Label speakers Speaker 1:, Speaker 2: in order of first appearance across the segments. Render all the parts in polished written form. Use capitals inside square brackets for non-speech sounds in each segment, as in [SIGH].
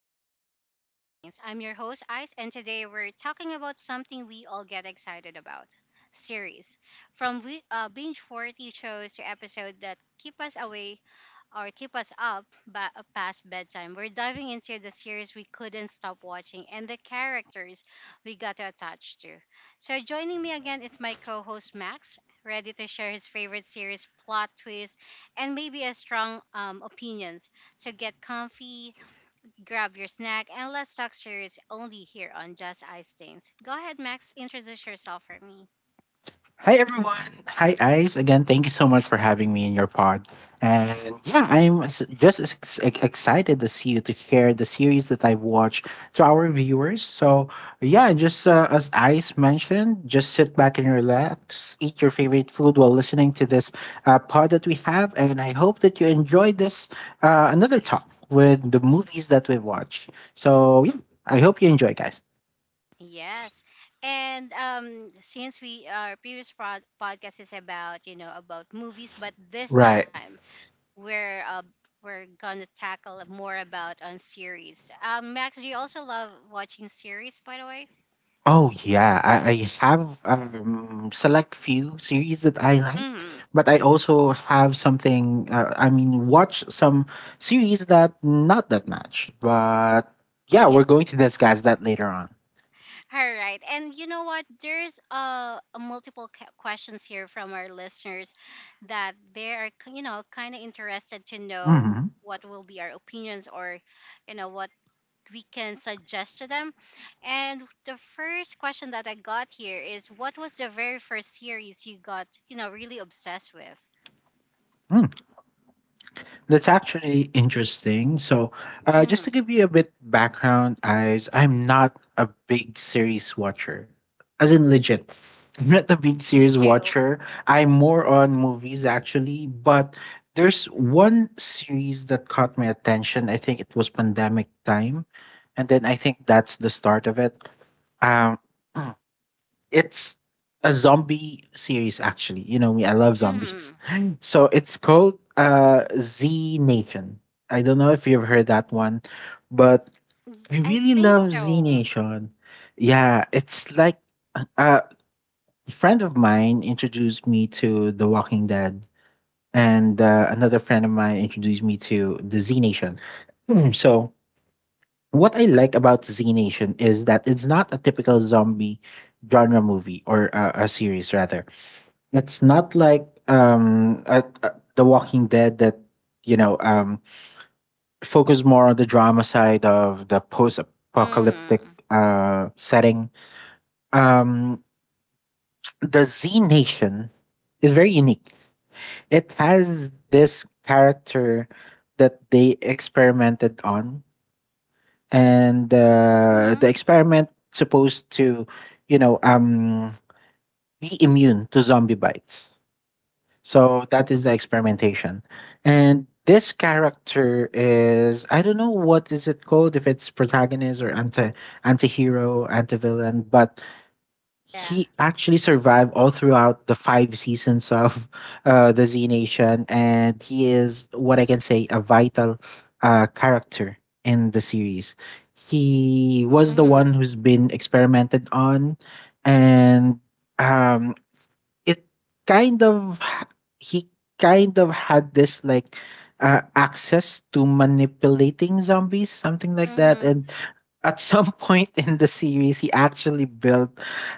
Speaker 1: back to Just Ice Things. I'm your host, Ice, and today we're talking about something we all get excited about: series. From binge worthy shows to episodes that keep us away or keep us up past bedtime. We're diving into the series we couldn't stop watching and the characters we got attached to. So, joining me again is my co host Max, ready to share his favorite series, plot twists, and maybe a strong opinions. So, get comfy, grab your snack, and let's talk series only here on Just Ice Things. Go ahead, Max, introduce yourself for me.
Speaker 2: Hi everyone. Hi Ice. Again, thank you so much for having me in your pod. And yeah, I'm just as excited to see you, to share the series that I've watched to our viewers. So yeah, just as Ice mentioned, just sit back and relax, eat your favorite food while listening to this pod that we have, and I hope that you enjoyed this another talk with the movies that we've watched. So yeah, I hope you enjoy, guys.
Speaker 1: Yes. And since we our previous prod podcast is about, you know, about movies, but this
Speaker 2: Right.
Speaker 1: time we're uh we're gonna tackle more about on series. Max, do you also love watching series by the way?
Speaker 2: Oh yeah, I have select few series that I like,
Speaker 1: Mm.
Speaker 2: but I also have something. I mean, watch some series that not that much, but yeah,
Speaker 1: Yeah.
Speaker 2: we're going to discuss that later on.
Speaker 1: [LAUGHS] All right. And you know what? There's multiple questions here from our listeners that you know, kind of interested to know
Speaker 2: Hmm.
Speaker 1: what will be our opinions or, you know, what we can suggest to them. And the first question that I got here is, what was the very first series you got, you know, really obsessed with?
Speaker 2: That's actually interesting. So, just
Speaker 1: Mm-hmm.
Speaker 2: to give you a bit background, as I'm not a big series watcher, as in legit. I'm not a big
Speaker 1: Me
Speaker 2: series
Speaker 1: too.
Speaker 2: watcher. I'm more on movies actually, but there's one series that caught my attention. I think it was pandemic time, and then I think that's the start of it. Um, it's a zombie series, actually. You know me, I love zombies.
Speaker 1: Mm-hmm.
Speaker 2: [LAUGHS] So it's called Z Nation. I don't know if you've heard that one, but I
Speaker 1: I
Speaker 2: really
Speaker 1: think
Speaker 2: love Z
Speaker 1: so.
Speaker 2: Nation. Yeah, it's like uh, a friend of mine introduced me to The Walking Dead, and another friend of mine introduced me to the Z Nation. Hmm. So, what I like about Z Nation is that it's not a typical zombie genre movie or a series, rather it's not like The Walking Dead that you know focus more on the drama side of the post-apocalyptic
Speaker 1: Mm-hmm.
Speaker 2: setting. Um, the Z Nation is very unique. It has this character that they experimented on, and
Speaker 1: Mm-hmm.
Speaker 2: the experiment supposed to you know be immune to zombie bites. So that is the experimentation. And this character is, I don't know what is it called, if it's protagonist or anti-hero, anti-villain, but
Speaker 1: Yeah.
Speaker 2: he actually survived all throughout the five seasons of the Z Nation, and he is what I can say a vital character in the series. He was the
Speaker 1: Mm-hmm.
Speaker 2: one who's been experimented on, and um, it kind of h- he kind of had this like access to manipulating zombies, something like that,
Speaker 1: Mm-hmm.
Speaker 2: and at some [LAUGHS] point in the series, he actually built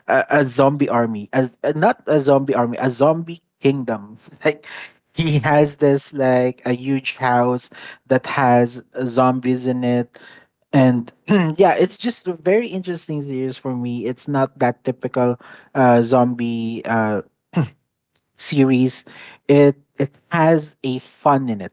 Speaker 2: a zombie army, as not a zombie army, a zombie kingdom. [LAUGHS] Like he has this like a huge house that has zombies in it, and [CLEARS THROAT] yeah, it's just a very interesting series for me. It's not that typical zombie series, it has a fun in it.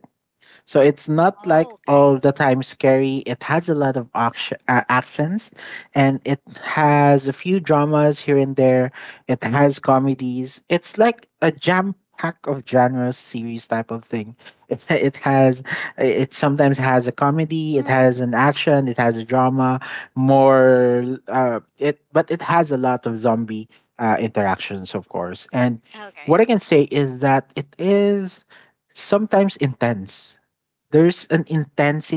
Speaker 2: So it's not
Speaker 1: Oh,
Speaker 2: like
Speaker 1: okay.
Speaker 2: all the time scary. It has a lot of action, actions, and it has a few dramas here and there. It has comedies. It's like a jam pack of genres series type of thing. It's, [LAUGHS] it has it sometimes has a comedy, it
Speaker 1: Mm-hmm.
Speaker 2: has an action, it has a drama, more it but it has a lot of zombie interactions, of course. And what
Speaker 1: Okay.
Speaker 2: I can say is that it is sometimes intense, there's an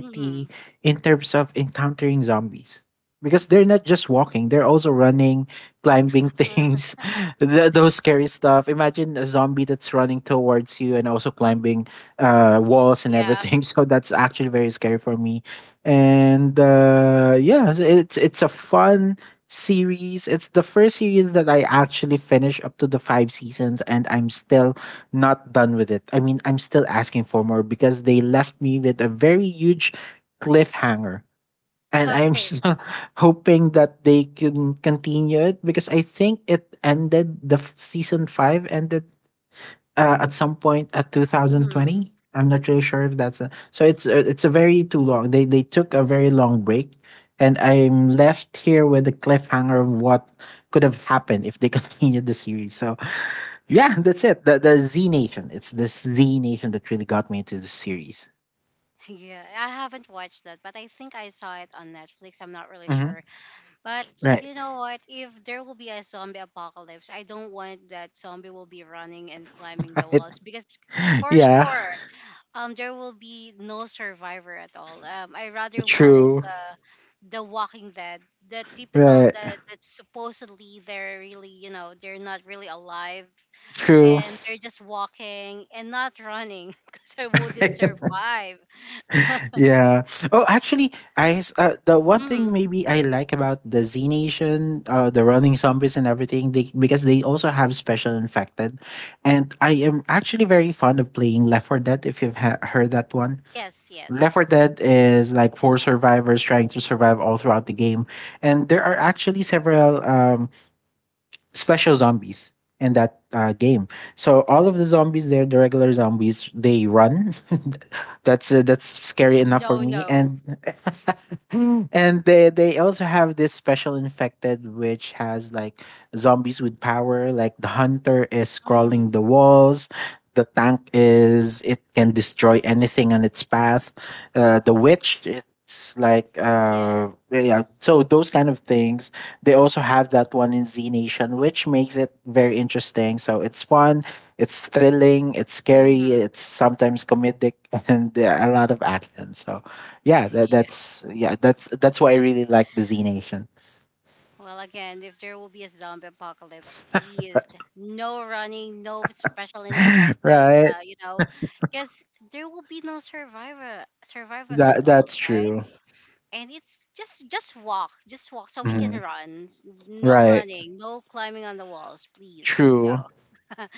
Speaker 1: Mm-hmm.
Speaker 2: in terms of encountering zombies, because they're not just walking, they're also running, climbing things.
Speaker 1: [LAUGHS]
Speaker 2: [LAUGHS] Those scary stuff, imagine a zombie that's running towards you and also climbing walls and
Speaker 1: yeah.
Speaker 2: everything. [LAUGHS] So that's actually very scary for me, and yeah, so it's a fun series. It's the first series that I actually finished up to the five seasons, and I'm still not done with it. I mean, I'm still asking for more because they left me with a very huge cliffhanger. And I'm [LAUGHS]
Speaker 1: Okay.
Speaker 2: still hoping that they can continue it because I think it ended, season five ended at some point at
Speaker 1: Mm-hmm.
Speaker 2: 2020. I'm not really sure if so it's a very too long. They took a very long break, and I'm left here with a cliffhanger of what could have happened if they [LAUGHS] continued the series. So yeah, that's it. The Z Nation. It's the Z Nation that really got me into the series.
Speaker 1: Yeah, I haven't watched that, but I think I saw it on Netflix. I'm not really
Speaker 2: Hmm.
Speaker 1: sure. But
Speaker 2: Right.
Speaker 1: you know what? If there will be a zombie apocalypse, I don't want that zombie will be running and climbing the
Speaker 2: [LAUGHS] Right.
Speaker 1: walls because for
Speaker 2: Yeah.
Speaker 1: sure, there will be no survivor at all. I rather wanted
Speaker 2: True.
Speaker 1: the Walking Dead, the typical
Speaker 2: Right.
Speaker 1: that that supposedly they're really, you know, they're not really alive
Speaker 2: True.
Speaker 1: and they're just walking and not running [LAUGHS] because I wouldn't
Speaker 2: [LAUGHS]
Speaker 1: survive.
Speaker 2: Yeah. Oh, actually, the one thing
Speaker 1: Hmm
Speaker 2: maybe I like about the Z Nation, the running zombies and everything, they, because they also have special infected, and I am actually very fond of playing Left 4 Dead. If you've heard that one,
Speaker 1: Yes, yes.
Speaker 2: Left 4 Dead is like four survivors trying to survive all throughout the game, and there are actually several special zombies in that game. So all of the zombies there, the regular zombies, they run. [LAUGHS] That's scary enough for
Speaker 1: No,
Speaker 2: me,
Speaker 1: no.
Speaker 2: and [GASPS] [LAUGHS] and they also have this special infected, which has like zombies with power, like the hunter is
Speaker 1: hmm
Speaker 2: crawling the walls, the tank, is it can destroy anything on its path, the witch, it's like
Speaker 1: Yes.
Speaker 2: yeah, so those kind of things, they also have that one in Z Nation, which makes it very interesting. So it's fun, it's thrilling, it's scary,
Speaker 1: hmm
Speaker 2: it's sometimes comedic, [LAUGHS] and a lot of action. So yeah, that,
Speaker 1: [LAUGHS]
Speaker 2: that's yeah, that's why I really like the Z Nation.
Speaker 1: Well, again, if there will be a zombie apocalypse, please, no running, no special
Speaker 2: [LAUGHS]
Speaker 1: infected.
Speaker 2: Right.
Speaker 1: You know, because there will be no survivor at all,
Speaker 2: That's
Speaker 1: right?
Speaker 2: true.
Speaker 1: And it's just walk, so we can
Speaker 2: Hmm.
Speaker 1: run. No
Speaker 2: Right.
Speaker 1: running, no climbing on the walls, please. No.
Speaker 2: True.
Speaker 1: [LAUGHS] And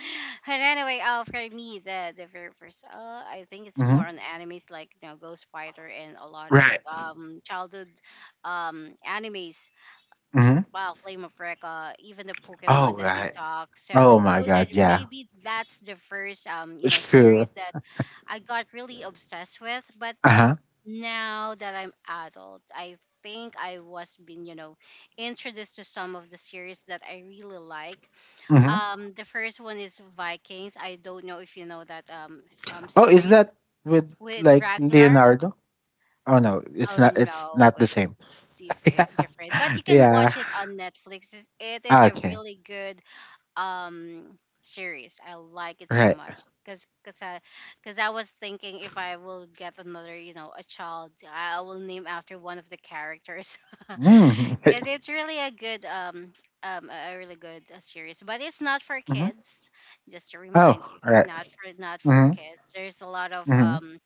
Speaker 1: anyway, for me, the very first, I think it's more
Speaker 2: Hmm.
Speaker 1: on animes, like, you know, Ghost Fighter and a lot of
Speaker 2: Right.
Speaker 1: childhood animes.
Speaker 2: Hmm.
Speaker 1: Wow, Flame of Recca, even the
Speaker 2: Oh,
Speaker 1: Pokemon that we
Speaker 2: right.
Speaker 1: talk. So
Speaker 2: Oh my
Speaker 1: those are
Speaker 2: God, yeah.
Speaker 1: maybe that's the first you know,
Speaker 2: It's true.
Speaker 1: series that I got really obsessed with.
Speaker 2: Uh-huh.
Speaker 1: Now that I'm adult, I think I was being, you know, introduced to some of the series that I really like.
Speaker 2: Hmm.
Speaker 1: The first one is Vikings. I don't know if you know that
Speaker 2: Oh, is
Speaker 1: series
Speaker 2: that with
Speaker 1: with
Speaker 2: like
Speaker 1: Ragnar.
Speaker 2: Leonardo? Oh no,
Speaker 1: Oh
Speaker 2: it's
Speaker 1: no,
Speaker 2: not the
Speaker 1: it's
Speaker 2: same.
Speaker 1: diff-
Speaker 2: [LAUGHS] Yeah.
Speaker 1: different. But you can
Speaker 2: Yeah.
Speaker 1: watch it on Netflix. It's- it is
Speaker 2: Ah,
Speaker 1: a
Speaker 2: okay.
Speaker 1: really good um series. I like it so
Speaker 2: Right.
Speaker 1: much because 'cause I was thinking if I will get another, you know, a child, I will name after one of the characters. [LAUGHS]
Speaker 2: Mm.
Speaker 1: Because
Speaker 2: [LAUGHS]
Speaker 1: it's really a good a really good series, but it's not for
Speaker 2: Mhm.
Speaker 1: kids. Just to remind
Speaker 2: Oh,
Speaker 1: you,
Speaker 2: right.
Speaker 1: not for
Speaker 2: Mm-hmm.
Speaker 1: kids. There's a lot of
Speaker 2: Mm-hmm.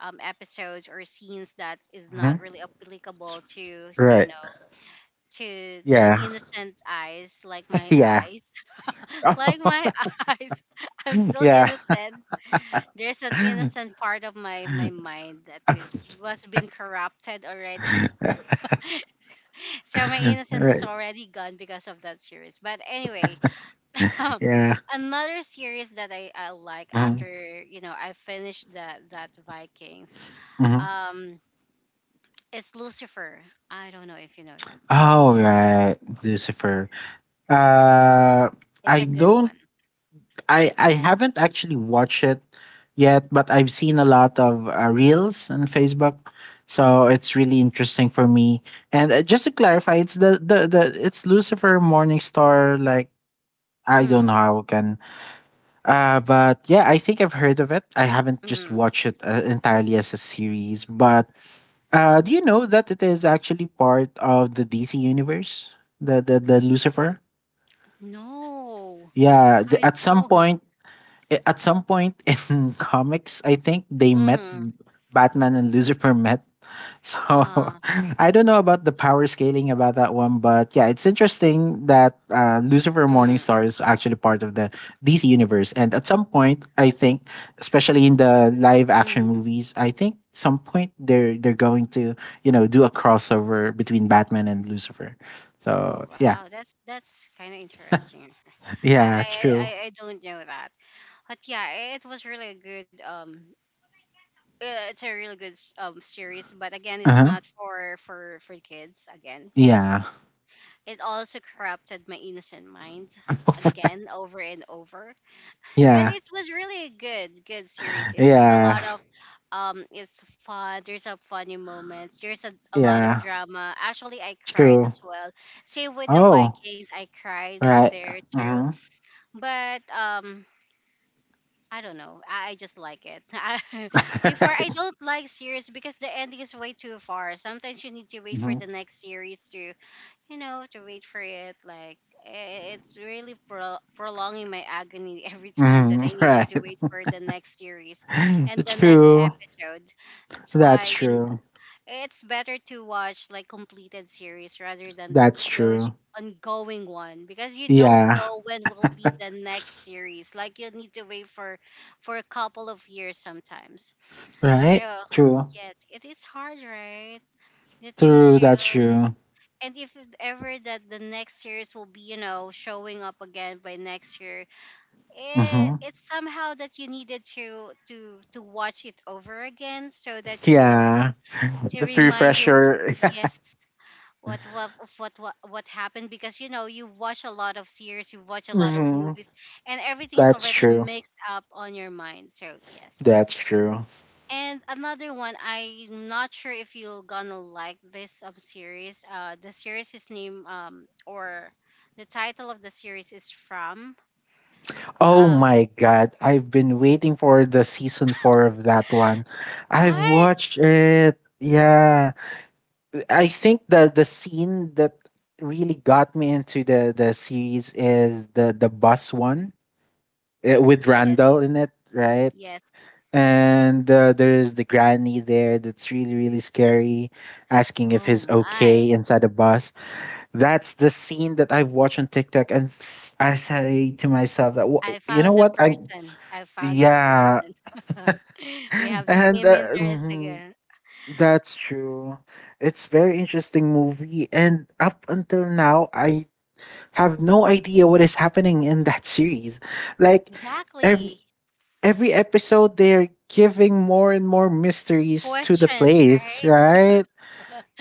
Speaker 1: episodes or scenes that is not
Speaker 2: Hmm.
Speaker 1: really applicable to, you
Speaker 2: Right.
Speaker 1: know, to the
Speaker 2: Yeah.
Speaker 1: innocent eyes like my
Speaker 2: [LAUGHS] Yeah.
Speaker 1: eyes. [LAUGHS] Like my
Speaker 2: [LAUGHS]
Speaker 1: [LAUGHS] eyes, I'm
Speaker 2: [LAUGHS]
Speaker 1: still
Speaker 2: Yeah.
Speaker 1: innocent. There's an
Speaker 2: [LAUGHS]
Speaker 1: innocent part of my my mind that was been corrupted already, so my innocence is
Speaker 2: Right.
Speaker 1: already gone because of that series. But anyway,
Speaker 2: Yeah.
Speaker 1: [LAUGHS] another series that I like
Speaker 2: Mhm,
Speaker 1: after, you know, I finished that Vikings.
Speaker 2: mhm.
Speaker 1: Um, It's Lucifer. I don't know if you know that
Speaker 2: Oh,
Speaker 1: series.
Speaker 2: right, Lucifer. Uh,
Speaker 1: It's
Speaker 2: I
Speaker 1: a good
Speaker 2: don't.
Speaker 1: one.
Speaker 2: I haven't actually watched it yet, but I've seen a lot of reels on Facebook, so it's really interesting for me. And just to clarify, it's the it's Lucifer Morningstar. Like, I don't
Speaker 1: Mm,
Speaker 2: know how I can. But yeah, I think I've heard of it. I haven't just
Speaker 1: mm.
Speaker 2: watched it entirely as a series. But do you know that it is actually part of the DC universe? The Lucifer.
Speaker 1: No,
Speaker 2: Yeah,
Speaker 1: I
Speaker 2: at some
Speaker 1: don't.
Speaker 2: point, eh, at some point [LAUGHS] in comics, I think they met.
Speaker 1: Mm,
Speaker 2: Batman and Lucifer [LAUGHS] met, so [LAUGHS]
Speaker 1: uh,
Speaker 2: I don't know about the power scaling about that one, but yeah, it's interesting that Lucifer
Speaker 1: mm,
Speaker 2: Morningstar is actually part of the DC universe. And at some point, I think, especially in the live action
Speaker 1: mm.
Speaker 2: movies, I think some point they're going to you know do a crossover between Batman and Lucifer. So
Speaker 1: Oh
Speaker 2: yeah.
Speaker 1: wow, that's kind of interesting. I, I
Speaker 2: Yeah,
Speaker 1: I
Speaker 2: true.
Speaker 1: I I don't know that, but yeah, it was really a good. It's a really good series, but again,
Speaker 2: Uh
Speaker 1: it's not
Speaker 2: huh.
Speaker 1: for kids. Again,
Speaker 2: Yeah,
Speaker 1: it also corrupted my innocent mind
Speaker 2: [LAUGHS]
Speaker 1: again over and over. But
Speaker 2: yeah,
Speaker 1: it was really a good good series. It's a lot
Speaker 2: yeah,
Speaker 1: of um, it's fun. There's a funny moments, there's a lot of
Speaker 2: yeah,
Speaker 1: drama. Actually I cried
Speaker 2: true.
Speaker 1: as well, same with the
Speaker 2: Oh,
Speaker 1: Vikings. I cried
Speaker 2: right.
Speaker 1: there
Speaker 2: Uh
Speaker 1: too.
Speaker 2: huh.
Speaker 1: But um, I don't know, I just like it. [LAUGHS] Before I
Speaker 2: [LAUGHS] Right.
Speaker 1: don't like series because the ending is way too far, sometimes you need to wait for
Speaker 2: Mm-hmm.
Speaker 1: the next series to, you know, to wait for it. Like it's really prolonging my agony [LAUGHS] every time that
Speaker 2: Mhm,
Speaker 1: I
Speaker 2: [LAUGHS]
Speaker 1: needed to
Speaker 2: right.
Speaker 1: wait for the next series and
Speaker 2: [LAUGHS]
Speaker 1: the next
Speaker 2: True.
Speaker 1: episode. That's
Speaker 2: That's
Speaker 1: why, you know,
Speaker 2: true.
Speaker 1: it's better to watch like completed series rather than
Speaker 2: That's
Speaker 1: those
Speaker 2: true.
Speaker 1: ongoing one, because you don't
Speaker 2: Yeah.
Speaker 1: know when will be the next series. Like you'll need to wait for a couple of years sometimes, so
Speaker 2: Right? True.
Speaker 1: yes, it is hard, right? That you need
Speaker 2: True.
Speaker 1: to.
Speaker 2: That's true.
Speaker 1: And if it ever that the next series will be, you know, showing up again by next year,
Speaker 2: Hmm.
Speaker 1: it's somehow that you needed to watch it over again, so that you will
Speaker 2: Yeah.
Speaker 1: to
Speaker 2: Just to
Speaker 1: remind
Speaker 2: refresh
Speaker 1: you of-
Speaker 2: your.
Speaker 1: yes, what of what happened, because you know, you watch a lot of series, you watch a
Speaker 2: [LAUGHS]
Speaker 1: lot of
Speaker 2: Hmm.
Speaker 1: movies, and everything's
Speaker 2: That's
Speaker 1: already
Speaker 2: true.
Speaker 1: mixed up on your mind. So yes.
Speaker 2: That's true.
Speaker 1: And another one, I'm not sure if you're gonna like this series. The series is named or the title of the series is From.
Speaker 2: Oh
Speaker 1: Uh,
Speaker 2: my God. I've been waiting for the season four of that one. I've
Speaker 1: right?
Speaker 2: watched it. Yeah. I think the scene that really got me into the series is the bus one, with
Speaker 1: Yes,
Speaker 2: Randall in it, right?
Speaker 1: yes.
Speaker 2: And there's the granny there that's really, really scary, asking if
Speaker 1: Oh
Speaker 2: he's okay
Speaker 1: my!
Speaker 2: inside the bus. That's the scene that I watch on TikTok, and I say to myself that,
Speaker 1: I
Speaker 2: you know
Speaker 1: found a
Speaker 2: what? I"
Speaker 1: person. I found this
Speaker 2: yeah,
Speaker 1: person. [LAUGHS] We
Speaker 2: [LAUGHS]
Speaker 1: have the
Speaker 2: and
Speaker 1: same interest
Speaker 2: mhm,
Speaker 1: again.
Speaker 2: that's true. It's very interesting movie, and up until now, I have no idea what is happening in that [LAUGHS] series. Like, ev
Speaker 1: Exactly.
Speaker 2: every episode they're giving more and more mysteries to the
Speaker 1: Questions,
Speaker 2: place,
Speaker 1: right?
Speaker 2: right?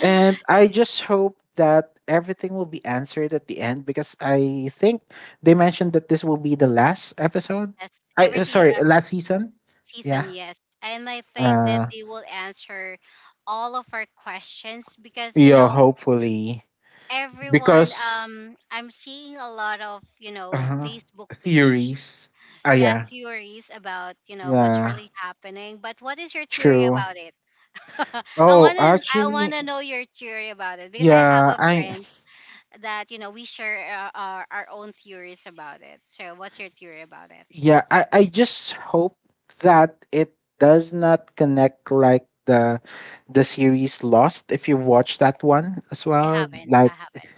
Speaker 2: And I just hope that everything will be answered at the end because I think they mentioned that this will be the last episode.
Speaker 1: Yes,
Speaker 2: I
Speaker 1: everything.
Speaker 2: sorry, last season. Yeah.
Speaker 1: Season, yes. And I think that
Speaker 2: Uh
Speaker 1: they will answer all of our questions because, you
Speaker 2: yeah,
Speaker 1: know,
Speaker 2: hopefully,
Speaker 1: everyone,
Speaker 2: because
Speaker 1: I'm seeing a lot of, you know,
Speaker 2: uh
Speaker 1: Facebook page,
Speaker 2: theories. Ah
Speaker 1: yeah,
Speaker 2: yeah.
Speaker 1: theories about, you know, what's
Speaker 2: Yeah,
Speaker 1: really happening. But what is your theory
Speaker 2: true.
Speaker 1: about it? [LAUGHS]
Speaker 2: Oh,
Speaker 1: I want
Speaker 2: actually,
Speaker 1: to know your theory about it because I have
Speaker 2: yeah,
Speaker 1: a
Speaker 2: I
Speaker 1: friend that, you know, we share our own theories about it. So what's your theory about it?
Speaker 2: Yeah, I just hope that it does not connect like the series Lost, if you watch that one as
Speaker 1: I
Speaker 2: well.
Speaker 1: haven't, I
Speaker 2: Like.
Speaker 1: haven't.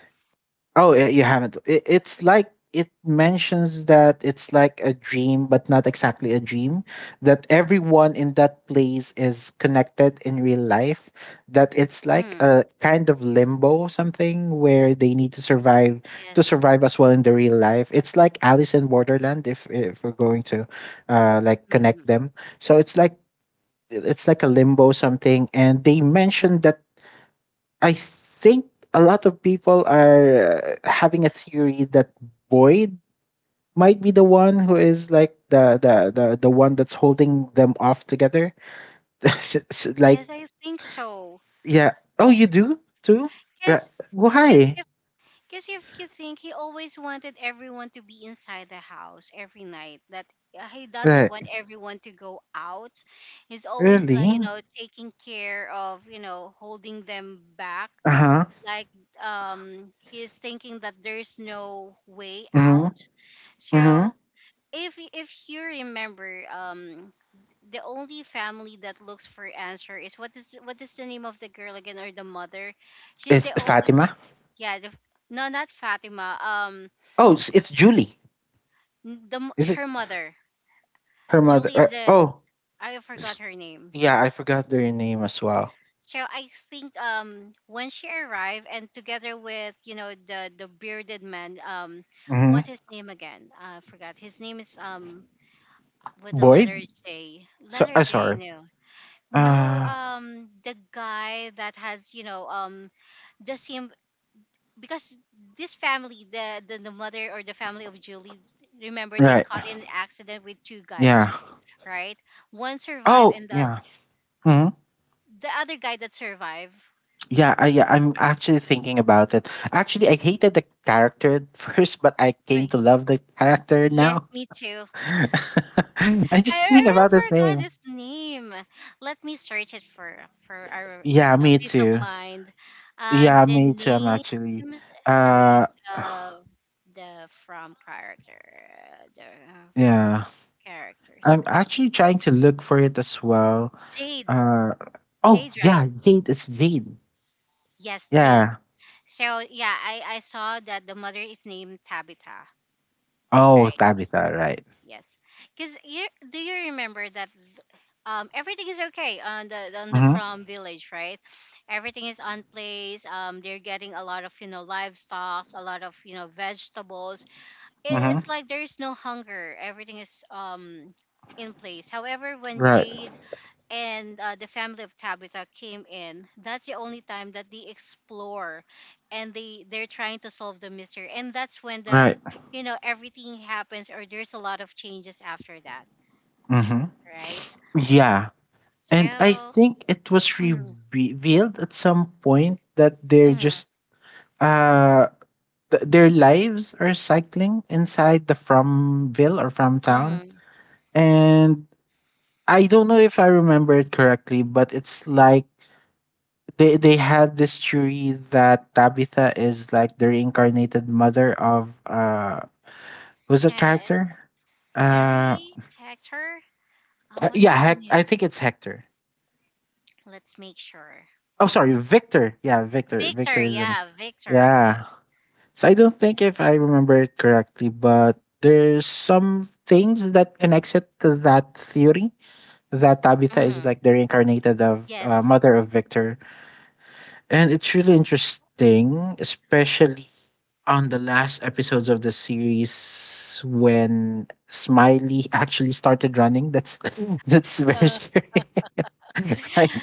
Speaker 2: Oh, yeah, you haven't. It's like it mentions that it's like a dream, but not exactly a dream. That everyone in that place is connected in real life. That it's like
Speaker 1: Mm,
Speaker 2: a kind of limbo, something, where they need to
Speaker 1: yes.
Speaker 2: survive as well in the real life. It's like Alice in Borderland, if we're going to, like, connect
Speaker 1: Mm.
Speaker 2: them. So it's like a limbo something, and they mentioned that I think a lot of people are having a theory that Boyd might be the one who is like the one that's holding them off together. [LAUGHS] Like,
Speaker 1: Yes, I think so.
Speaker 2: yeah. Oh, you do too? Right.
Speaker 1: Cause, cause
Speaker 2: Why?
Speaker 1: if, 'cause if you think he always wanted everyone to be inside the house every night, that he doesn't
Speaker 2: Right.
Speaker 1: want everyone to go out. He's always like,
Speaker 2: Really?
Speaker 1: you know, taking care of, you know, holding them back.
Speaker 2: Uh huh.
Speaker 1: Like, he's thinking that there's no way
Speaker 2: Mm hmm.
Speaker 1: out.
Speaker 2: Mm hmm.
Speaker 1: So if you remember, the only family that looks for answer is what is the name of the girl again, or the mother? She's
Speaker 2: It's
Speaker 1: the only,
Speaker 2: Fatima.
Speaker 1: yeah, the, no, not Fatima, um,
Speaker 2: Oh, it's Julie.
Speaker 1: the
Speaker 2: Is it
Speaker 1: her mother.
Speaker 2: her mother?
Speaker 1: Julie is the,
Speaker 2: Oh,
Speaker 1: I forgot
Speaker 2: s-
Speaker 1: her name.
Speaker 2: yeah. I forgot their name as well.
Speaker 1: So I think um, when she arrived and together with, you know, the bearded man, um,
Speaker 2: Mm hmm.
Speaker 1: what's his name again? I forgot his name, is um, with the
Speaker 2: Boyd.
Speaker 1: letter J,
Speaker 2: So, sorry.
Speaker 1: No, no,
Speaker 2: Uh,
Speaker 1: um, the guy that has, you know, um, the same, because this family, the mother or the family of Julie, remember, they
Speaker 2: right.
Speaker 1: caught in an accident with two guys,
Speaker 2: Yeah.
Speaker 1: right? One survived,
Speaker 2: Oh,
Speaker 1: and the
Speaker 2: yeah. Hmm.
Speaker 1: other guy that survived,
Speaker 2: Yeah, yeah, I'm actually thinking about it. Actually, I hated the character at [LAUGHS] first, but I came
Speaker 1: right?
Speaker 2: to love the character
Speaker 1: Yes,
Speaker 2: now.
Speaker 1: me too.
Speaker 2: [LAUGHS] I'm just
Speaker 1: I
Speaker 2: thinking
Speaker 1: really
Speaker 2: about his
Speaker 1: forgot
Speaker 2: name.
Speaker 1: his name. Let me search it for our,
Speaker 2: Yeah,
Speaker 1: you know,
Speaker 2: me
Speaker 1: peace of
Speaker 2: too.
Speaker 1: mind. And
Speaker 2: Yeah,
Speaker 1: the
Speaker 2: me too. I'm actually.
Speaker 1: names, the
Speaker 2: Uh,
Speaker 1: names of
Speaker 2: [SIGHS]
Speaker 1: the from character the uh,
Speaker 2: yeah,
Speaker 1: characters.
Speaker 2: I'm actually trying to look for it as well.
Speaker 1: Jade,
Speaker 2: Uh, oh
Speaker 1: Jade,
Speaker 2: yeah,
Speaker 1: right?
Speaker 2: Jade is Jade.
Speaker 1: Yes, Jade.
Speaker 2: Yeah.
Speaker 1: So yeah, I saw that the mother is named Tabitha,
Speaker 2: Oh,
Speaker 1: right?
Speaker 2: Tabitha, right.
Speaker 1: Yes, because you, do you remember that um, everything is okay on the
Speaker 2: Mm-hmm.
Speaker 1: From village, right? Everything is on place. They're getting a lot of, you know, livestock, a lot of, you know, vegetables.
Speaker 2: Mm-hmm.
Speaker 1: It's like there is no hunger. Everything is um, in place. However, when
Speaker 2: Right.
Speaker 1: Jade and the family of Tabitha came in, that's the only time that they explore, and they're trying to solve the mystery. And that's when the,
Speaker 2: Right.
Speaker 1: you know, everything happens, or there's a lot of changes after that,
Speaker 2: Mm-hmm.
Speaker 1: right?
Speaker 2: Yeah. And I
Speaker 1: So
Speaker 2: think it was
Speaker 1: mm,
Speaker 2: revealed at some point that they're
Speaker 1: mm,
Speaker 2: just uh their lives are cycling inside the Fromville or From Town.
Speaker 1: mm.
Speaker 2: And I don't know if I remember it correctly, but it's like they had this theory that Tabitha is like the reincarnated mother of who's that
Speaker 1: Hen-
Speaker 2: character? Uh
Speaker 1: Henry, Hector, what
Speaker 2: yeah,
Speaker 1: is the name?
Speaker 2: I think it's Hector.
Speaker 1: Let's make sure.
Speaker 2: Oh sorry, Victor. Yeah, Victor. Victor is the name.
Speaker 1: Victor, yeah,
Speaker 2: Yeah. So I don't think
Speaker 1: yes,
Speaker 2: if I remember it correctly, but there's some things that connects it to that theory that Tabitha is
Speaker 1: mm,
Speaker 2: like the reincarnated of
Speaker 1: yes.
Speaker 2: mother of Victor, and it's really interesting, especially on the last episodes of the series when Smiley [LAUGHS] actually started running. That's [LAUGHS] that's very
Speaker 1: Uh,
Speaker 2: scary, [LAUGHS] right?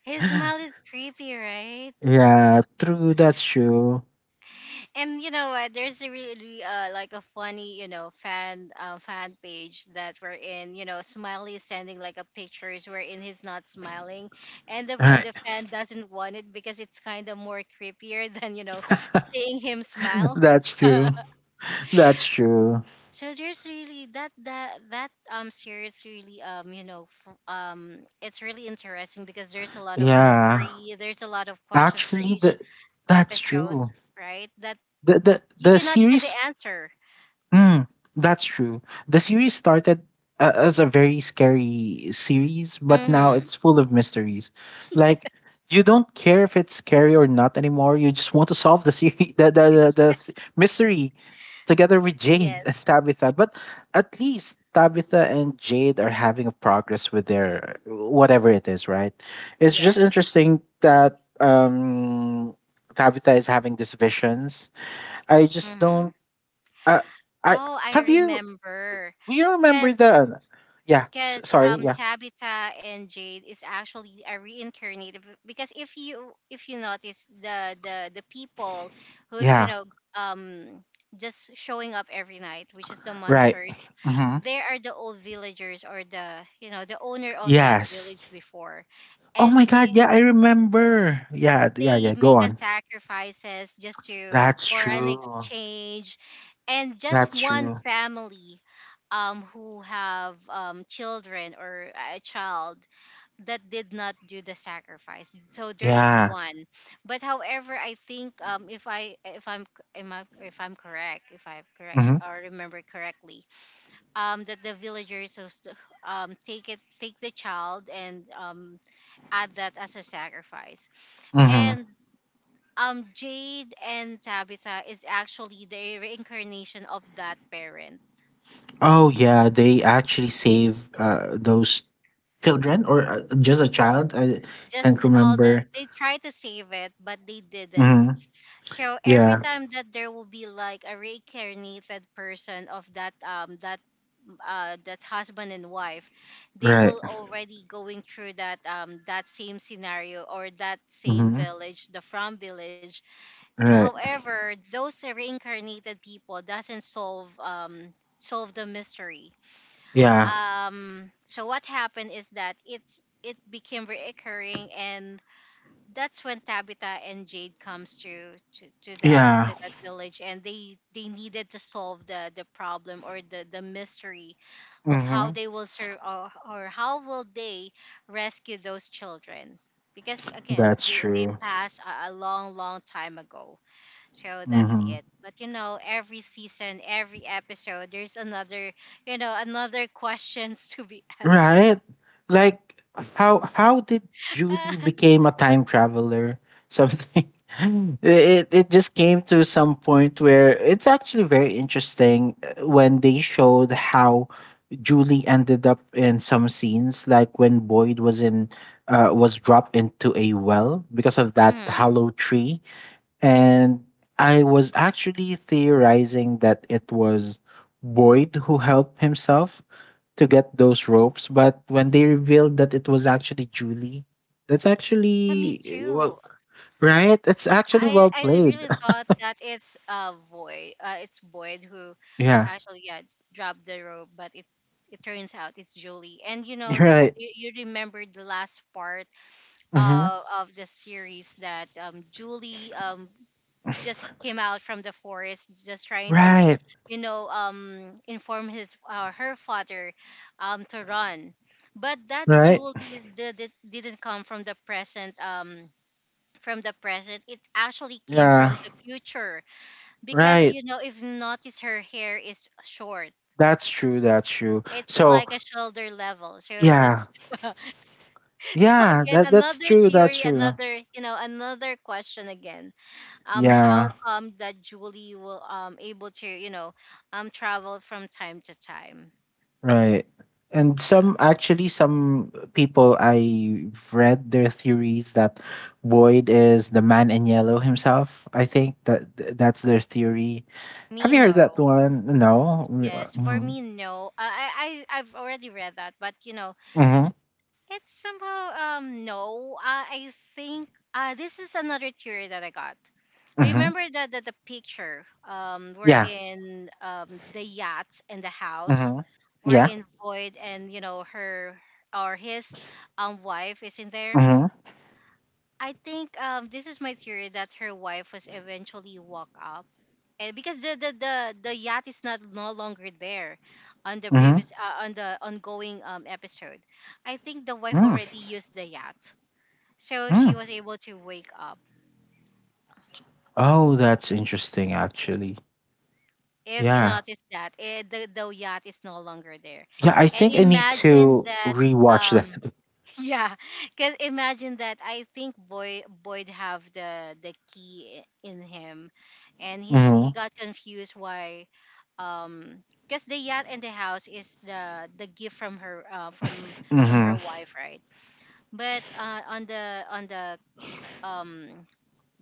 Speaker 1: his smile is creepy, right?
Speaker 2: Yeah, true. That's true.
Speaker 1: And you know what? There's a really like a funny, you know, fan page that we're in. You know, Smiley is sending like a pictures wherein he's not smiling, and
Speaker 2: Right.
Speaker 1: the fan doesn't want it because it's kind of more creepier [LAUGHS] than, you know, seeing him
Speaker 2: [LAUGHS]
Speaker 1: smile.
Speaker 2: That's true.
Speaker 1: [LAUGHS]
Speaker 2: That's true.
Speaker 1: So there's really that series really, you know, it's really interesting because there's a lot of
Speaker 2: Yeah.
Speaker 1: mystery, there's a lot of question for
Speaker 2: Actually,
Speaker 1: each
Speaker 2: the that's
Speaker 1: episode,
Speaker 2: true.
Speaker 1: right? That
Speaker 2: The the
Speaker 1: you
Speaker 2: the
Speaker 1: cannot get the
Speaker 2: series.
Speaker 1: answer.
Speaker 2: Mm, that's true. The series started as a very scary series, but now
Speaker 1: Mm-hmm.
Speaker 2: it's full of mysteries. Like you don't care if it's scary or not anymore. You just want to solve the series, [LAUGHS] the mystery together with
Speaker 1: Yes,
Speaker 2: Jade [LAUGHS] and Tabitha. But at least Tabitha and Jade are having a progress with their whatever it is, right? It's just
Speaker 1: yes.
Speaker 2: interesting that Tabitha is having these visions. I just
Speaker 1: Mm-hmm.
Speaker 2: don't uh, I
Speaker 1: Oh, I
Speaker 2: have you.
Speaker 1: remember.
Speaker 2: Do you remember
Speaker 1: Cause,
Speaker 2: the? Yeah.
Speaker 1: cause
Speaker 2: Sorry.
Speaker 1: um
Speaker 2: Yeah.
Speaker 1: Tabitha and Jade is actually a reincarnated because if you notice the people who's you
Speaker 2: Yeah.
Speaker 1: know um just showing up every night, which is the
Speaker 2: Right.
Speaker 1: monsters,
Speaker 2: Mm-hmm.
Speaker 1: they are the old villagers or the you know the owner of that village
Speaker 2: Yes.
Speaker 1: before,
Speaker 2: Oh
Speaker 1: and
Speaker 2: my God. Yeah, I remember. Yeah. Yeah.
Speaker 1: they
Speaker 2: Yeah. Go
Speaker 1: make a
Speaker 2: on.
Speaker 1: sacrifices just to
Speaker 2: That's
Speaker 1: for an
Speaker 2: true.
Speaker 1: exchange and just
Speaker 2: That's
Speaker 1: one
Speaker 2: true.
Speaker 1: family who have children or a child that did not do the sacrifice, so there is
Speaker 2: Yeah.
Speaker 1: one. But however, I think if i'm am I, if I'm correct
Speaker 2: Mm-hmm.
Speaker 1: or remember correctly that the villagers was to, take the child and add that as a sacrifice,
Speaker 2: Mm-hmm.
Speaker 1: and Jade and Tabitha is actually the reincarnation of that parent.
Speaker 2: Oh yeah. They actually save those children or just a child. I
Speaker 1: Just
Speaker 2: can't
Speaker 1: the- all the
Speaker 2: remember.
Speaker 1: They tried to save it, but they didn't.
Speaker 2: Mm-hmm.
Speaker 1: So every
Speaker 2: Yeah.
Speaker 1: time that there will be like a reincarnated person of that that husband and wife, they
Speaker 2: Right.
Speaker 1: will already going through that that same scenario or that same
Speaker 2: Mm-hmm.
Speaker 1: village, the from village. And
Speaker 2: Right.
Speaker 1: however, those reincarnated people doesn't solve the mystery,
Speaker 2: Yeah.
Speaker 1: so what happened is that it became reoccurring, and that's when Tabitha and Jade comes to that
Speaker 2: Yeah.
Speaker 1: village, and they needed to solve the problem or the mystery of how
Speaker 2: Mm-hmm.
Speaker 1: they will serve, or how will they rescue those children because again
Speaker 2: That's
Speaker 1: they
Speaker 2: true.
Speaker 1: passed a long long time ago. So that's
Speaker 2: Hmm.
Speaker 1: it. But you know, every season, every episode, there's another, you know, another [LAUGHS] questions to be [LAUGHS] answered.
Speaker 2: Right? Like how did Julie
Speaker 1: [LAUGHS]
Speaker 2: became a time traveler? Something [LAUGHS] it just came to some point where it's actually very interesting when they showed how Julie ended up in some scenes, like when Boyd was in was dropped into a well because of that
Speaker 1: Mm.
Speaker 2: hollow tree, and I was actually theorizing that it was Boyd who helped himself to get those ropes. But when they revealed that it was actually Julie, that's
Speaker 1: Me
Speaker 2: actually well,
Speaker 1: too.
Speaker 2: right? It's actually well
Speaker 1: I
Speaker 2: played.
Speaker 1: really
Speaker 2: [LAUGHS]
Speaker 1: thought that it's Void. It's Void who
Speaker 2: Yeah.
Speaker 1: actually, yeah, dropped the rope, but it turns out it's Julie. And you know,
Speaker 2: Right.
Speaker 1: you remember the last part
Speaker 2: Hmm.
Speaker 1: of the series that Julie just came out from the forest just trying to
Speaker 2: Right.
Speaker 1: you know inform his her father to run. But that
Speaker 2: Right.
Speaker 1: Julie didn't come from the present, it actually came from
Speaker 2: Yeah.
Speaker 1: the future, because
Speaker 2: Right.
Speaker 1: you know if you notice her hair is short,
Speaker 2: That's true. That's true.
Speaker 1: it's
Speaker 2: So
Speaker 1: like a shoulder level, so
Speaker 2: yeah.
Speaker 1: that's [LAUGHS] so
Speaker 2: Yeah.
Speaker 1: again
Speaker 2: That that's
Speaker 1: another
Speaker 2: true. That's
Speaker 1: theory,
Speaker 2: true.
Speaker 1: another you know another question again, how
Speaker 2: Yeah.
Speaker 1: come that Julie will able to you know travel from time to time.
Speaker 2: Right. And some
Speaker 1: Uh,
Speaker 2: actually some people I've read their theories that Boyd is the man in yellow himself. I think that that's their theory. Have
Speaker 1: Me
Speaker 2: you heard that
Speaker 1: no.
Speaker 2: one? No.
Speaker 1: Yes, for
Speaker 2: Mm-hmm.
Speaker 1: me no. I I've already read that, but you know
Speaker 2: Mm-hmm.
Speaker 1: it's somehow no I think this is another theory that I got.
Speaker 2: Hmm.
Speaker 1: Remember that the picture we're
Speaker 2: Yeah.
Speaker 1: in the yacht and the house,
Speaker 2: Mm-hmm.
Speaker 1: we're
Speaker 2: Yeah.
Speaker 1: in Void and you know her or his wife is in there.
Speaker 2: Mm-hmm.
Speaker 1: I think this is my theory that her wife was eventually woke up, and because the yacht is not no longer there, on the
Speaker 2: Mm-hmm.
Speaker 1: previous on the ongoing episode, I think the wife
Speaker 2: Mm.
Speaker 1: already used the yacht, so she
Speaker 2: Mm.
Speaker 1: was able to wake up.
Speaker 2: Oh, that's interesting actually.
Speaker 1: If you
Speaker 2: Yeah.
Speaker 1: notice that eh, the yacht is no longer there,
Speaker 2: Yeah, I
Speaker 1: and
Speaker 2: think I need
Speaker 1: imagine
Speaker 2: to
Speaker 1: that
Speaker 2: rewatch
Speaker 1: um
Speaker 2: that.
Speaker 1: [LAUGHS] yeah, because imagine that. I think Boyd have the key in him, and he's
Speaker 2: Mm-hmm.
Speaker 1: he got confused why, because the yacht and the house is the gift from
Speaker 2: Mm-hmm.
Speaker 1: her wife, right? But on the um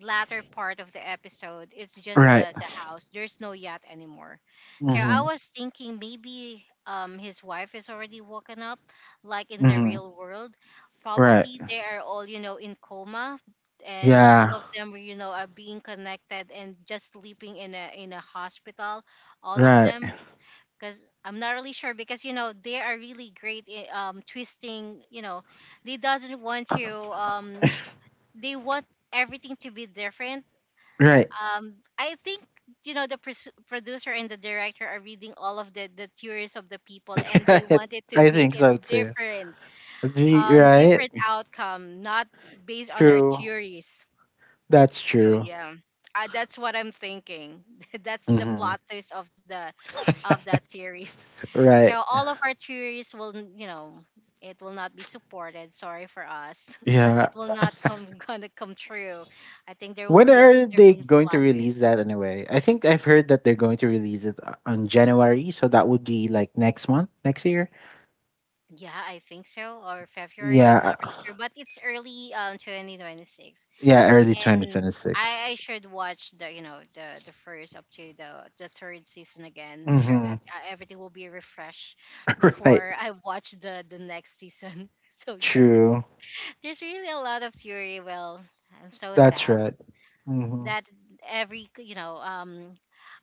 Speaker 1: latter part of the episode, it's just
Speaker 2: Right.
Speaker 1: the house. There's no yacht anymore. So I
Speaker 2: Mm-hmm.
Speaker 1: was thinking maybe his wife is already woken up, like in the
Speaker 2: Mm-hmm.
Speaker 1: real world.
Speaker 2: Right.
Speaker 1: Probably they are all you know in coma, and all
Speaker 2: Yeah.
Speaker 1: of them were, you know are being connected and just sleeping in a hospital. All of
Speaker 2: Right.
Speaker 1: them. Because I'm not really sure, because you know they are really great twisting, you know they doesn't want to they want everything to be different
Speaker 2: Right.
Speaker 1: I think you know the producer and the director are reading all of the theories of the people,
Speaker 2: [LAUGHS]
Speaker 1: and they
Speaker 2: Right.
Speaker 1: wanted to
Speaker 2: I
Speaker 1: make
Speaker 2: think
Speaker 1: it
Speaker 2: so too.
Speaker 1: different
Speaker 2: Right.
Speaker 1: different outcome, not based on our
Speaker 2: True.
Speaker 1: theories.
Speaker 2: That's
Speaker 1: So
Speaker 2: true.
Speaker 1: yeah, that's what I'm thinking [LAUGHS] that's the
Speaker 2: Hmm.
Speaker 1: plot twist of the of that series. [LAUGHS] So
Speaker 2: Right.
Speaker 1: all of our theories will you know it will not be supported, sorry for us, [LAUGHS] it
Speaker 2: Yeah.
Speaker 1: will not come [LAUGHS] gonna come true. I think there will
Speaker 2: When
Speaker 1: be a
Speaker 2: are they
Speaker 1: different
Speaker 2: going
Speaker 1: plot
Speaker 2: to release
Speaker 1: twist.
Speaker 2: that anyway? I think I've heard that they're going to release it on January, so that would be like next month, next year.
Speaker 1: Yeah, I think so, or February. I'm
Speaker 2: Yeah.
Speaker 1: not really sure, but it's early 2026,
Speaker 2: Yeah, early
Speaker 1: and
Speaker 2: 2026.
Speaker 1: I should watch the you know the first up to the third season again, so
Speaker 2: Mm-hmm.
Speaker 1: that everything will be refreshed
Speaker 2: [LAUGHS] Right.
Speaker 1: before I watch the next season. [LAUGHS] So yes,
Speaker 2: True.
Speaker 1: there's really a lot of theory. Well, I'm so
Speaker 2: That's
Speaker 1: sad
Speaker 2: right. Mm-hmm.
Speaker 1: that every you know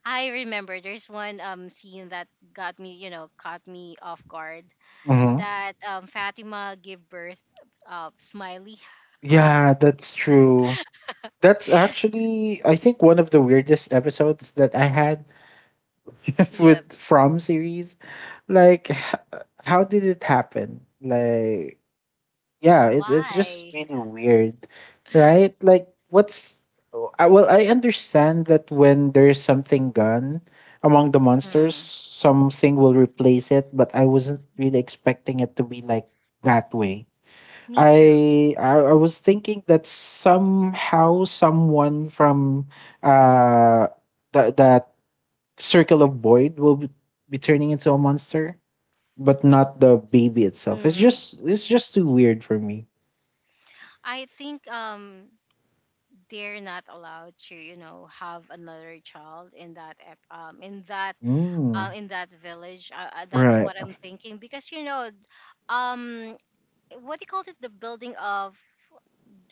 Speaker 1: I remember there's one scene that got me, you know, caught me off guard,
Speaker 2: Mm-hmm.
Speaker 1: that Fatima gave birth smiley.
Speaker 2: Yeah,
Speaker 1: [LAUGHS]
Speaker 2: that's true. That's actually, I think, one of the weirdest episodes that I had [LAUGHS]
Speaker 1: Yep.
Speaker 2: with From series. Like, how did it happen? Like, yeah, it, it's just
Speaker 1: Why?
Speaker 2: really weird, right? Like, what's oh, I, well, I understand that when there's something gone among the monsters,
Speaker 1: Mm,
Speaker 2: something will replace it, but I wasn't really expecting it to be like that way.
Speaker 1: me too.
Speaker 2: I was thinking that somehow someone from uh that that circle of void will be turning into a monster, but not the baby itself.
Speaker 1: Hmm.
Speaker 2: It's just too weird for me.
Speaker 1: I think they're not allowed to you know have another child in that in that
Speaker 2: Mm,
Speaker 1: in that village. That's
Speaker 2: right.
Speaker 1: what I'm thinking, because you know um what do you call it, the building of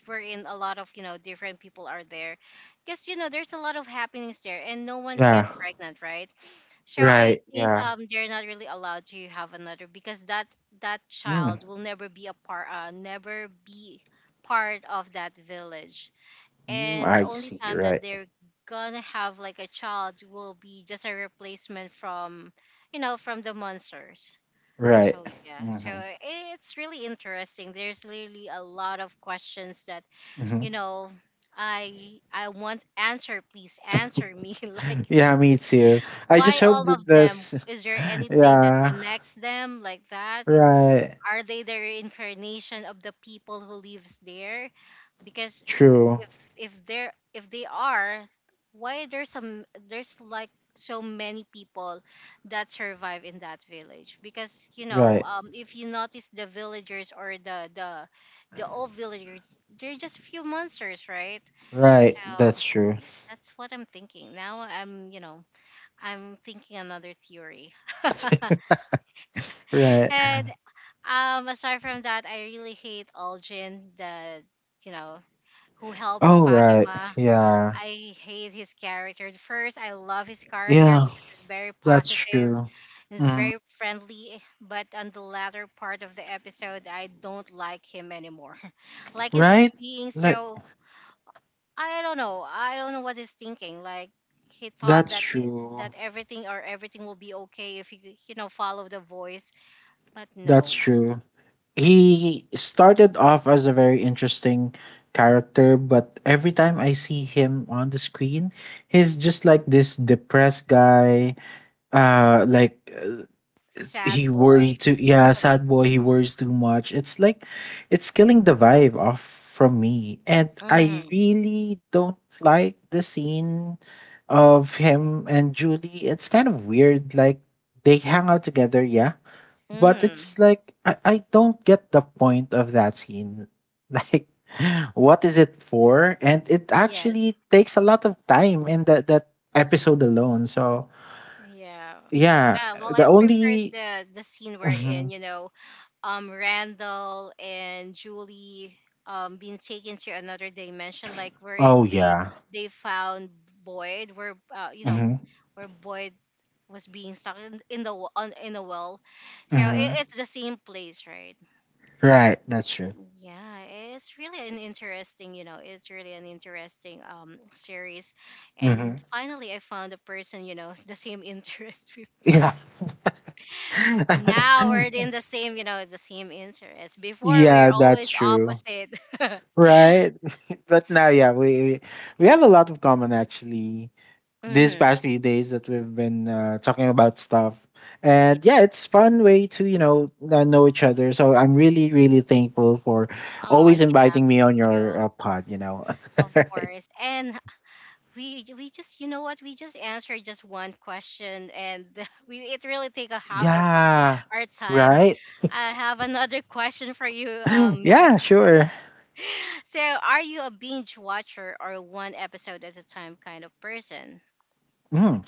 Speaker 1: wherein a lot of you know different people are there, because you know there's a lot of happenings there and no one's get
Speaker 2: Yeah.
Speaker 1: pregnant, right? So I
Speaker 2: Right.
Speaker 1: think
Speaker 2: Yeah.
Speaker 1: they're not really allowed to have another because that that
Speaker 2: Mm,
Speaker 1: child will never be a part never be part of that village.
Speaker 2: mm,
Speaker 1: And the
Speaker 2: I
Speaker 1: only
Speaker 2: see.
Speaker 1: time that
Speaker 2: Right.
Speaker 1: they're gonna have like a child will be just a replacement from you know from the monsters.
Speaker 2: Right.
Speaker 1: So yeah, so
Speaker 2: Hmm.
Speaker 1: it's really interesting. There's really a lot of questions that
Speaker 2: Hmm.
Speaker 1: you know I want answer, please answer me [LAUGHS] like
Speaker 2: Yeah, me too. I just
Speaker 1: why
Speaker 2: hope
Speaker 1: all
Speaker 2: that
Speaker 1: of them?
Speaker 2: this. [LAUGHS]
Speaker 1: Is there anything that
Speaker 2: Yeah.
Speaker 1: connects them like that?
Speaker 2: Right.
Speaker 1: Are they the reincarnation of the people who lives there? Because
Speaker 2: True.
Speaker 1: if they're if they are, why there's some, there's like so many people that survive in that village, because you know
Speaker 2: Right.
Speaker 1: if you notice the villagers or the the old villagers, they're just few monsters, right?
Speaker 2: Right,
Speaker 1: So
Speaker 2: that's true.
Speaker 1: that's what I'm thinking. Now I'm you know I'm thinking another theory. [LAUGHS]
Speaker 2: Right.
Speaker 1: And aside from that, I really hate Aljin, the you know who helps
Speaker 2: Oh, right.
Speaker 1: Fatima.
Speaker 2: Yeah.
Speaker 1: I hate his character. At first, I love his character
Speaker 2: Yeah,
Speaker 1: because he's very
Speaker 2: that's
Speaker 1: positive and
Speaker 2: true.
Speaker 1: he's
Speaker 2: Hmm.
Speaker 1: very friendly. But on the latter part of the episode, I don't like him anymore. [LAUGHS] Like he's
Speaker 2: Right?
Speaker 1: being
Speaker 2: Like
Speaker 1: so I don't know. I don't know what he's thinking. Like he thought
Speaker 2: that's
Speaker 1: that
Speaker 2: true.
Speaker 1: that everything, or everything will be okay if you you know follow the voice, but
Speaker 2: That's
Speaker 1: no.
Speaker 2: true. He started off as a very interesting character, but every time I see him on the screen, he's just like this depressed guy, like he
Speaker 1: Sad boy.
Speaker 2: worried too, yeah, sad boy, he worries too much. It's like it's killing the vibe off from me, and I
Speaker 1: Mhm.
Speaker 2: really don't like the scene of him and Julie. It's kind of weird, like they hang out together, yeah, but
Speaker 1: Mhm.
Speaker 2: it's like I don't get the point of that scene [LAUGHS] like what is it for, and it actually
Speaker 1: Yes.
Speaker 2: takes a lot of time in that episode alone. So
Speaker 1: Yeah.
Speaker 2: yeah,
Speaker 1: Ah, well,
Speaker 2: the
Speaker 1: I preferred
Speaker 2: only
Speaker 1: the scene wherein you
Speaker 2: [LAUGHS]
Speaker 1: know Randall and Julie being taken to another dimension, like where
Speaker 2: Oh yeah.
Speaker 1: they found Boyd, where you know
Speaker 2: Hmm.
Speaker 1: where Boyd was being stuck in the in a well. So
Speaker 2: Hmm.
Speaker 1: it's the same place, right?
Speaker 2: Right. That's true.
Speaker 1: Yeah, it's really an interesting, you know, it's really an interesting series. And
Speaker 2: Hmm.
Speaker 1: finally I found a person, you know, [LAUGHS] the same interest with
Speaker 2: Yeah.
Speaker 1: now we're
Speaker 2: [LAUGHS]
Speaker 1: in the same, you know, the same interest. Before we're
Speaker 2: Yeah, that's
Speaker 1: always
Speaker 2: true.
Speaker 1: opposite. [LAUGHS]
Speaker 2: Right. But now, yeah, we have a lot of common actually. This
Speaker 1: Mm-hmm.
Speaker 2: past few days that we've been talking about stuff,
Speaker 1: Yeah.
Speaker 2: and yeah, it's fun way to you know each other. So I'm really really thankful for
Speaker 1: Oh, yeah,
Speaker 2: always inviting me
Speaker 1: me
Speaker 2: on your
Speaker 1: too.
Speaker 2: pod. You know. [LAUGHS]
Speaker 1: Of
Speaker 2: Right.
Speaker 1: course. And we just you know what, we just answered just one question, and [LAUGHS] we, it really take a half of
Speaker 2: Yeah.
Speaker 1: our time.
Speaker 2: Right.
Speaker 1: I have another [LAUGHS] question for you,
Speaker 2: [GASPS] [LAUGHS] Yeah.
Speaker 1: Max.
Speaker 2: Sure.
Speaker 1: [LAUGHS] So are you a binge watcher or one episode at a time kind of person?
Speaker 2: Mm.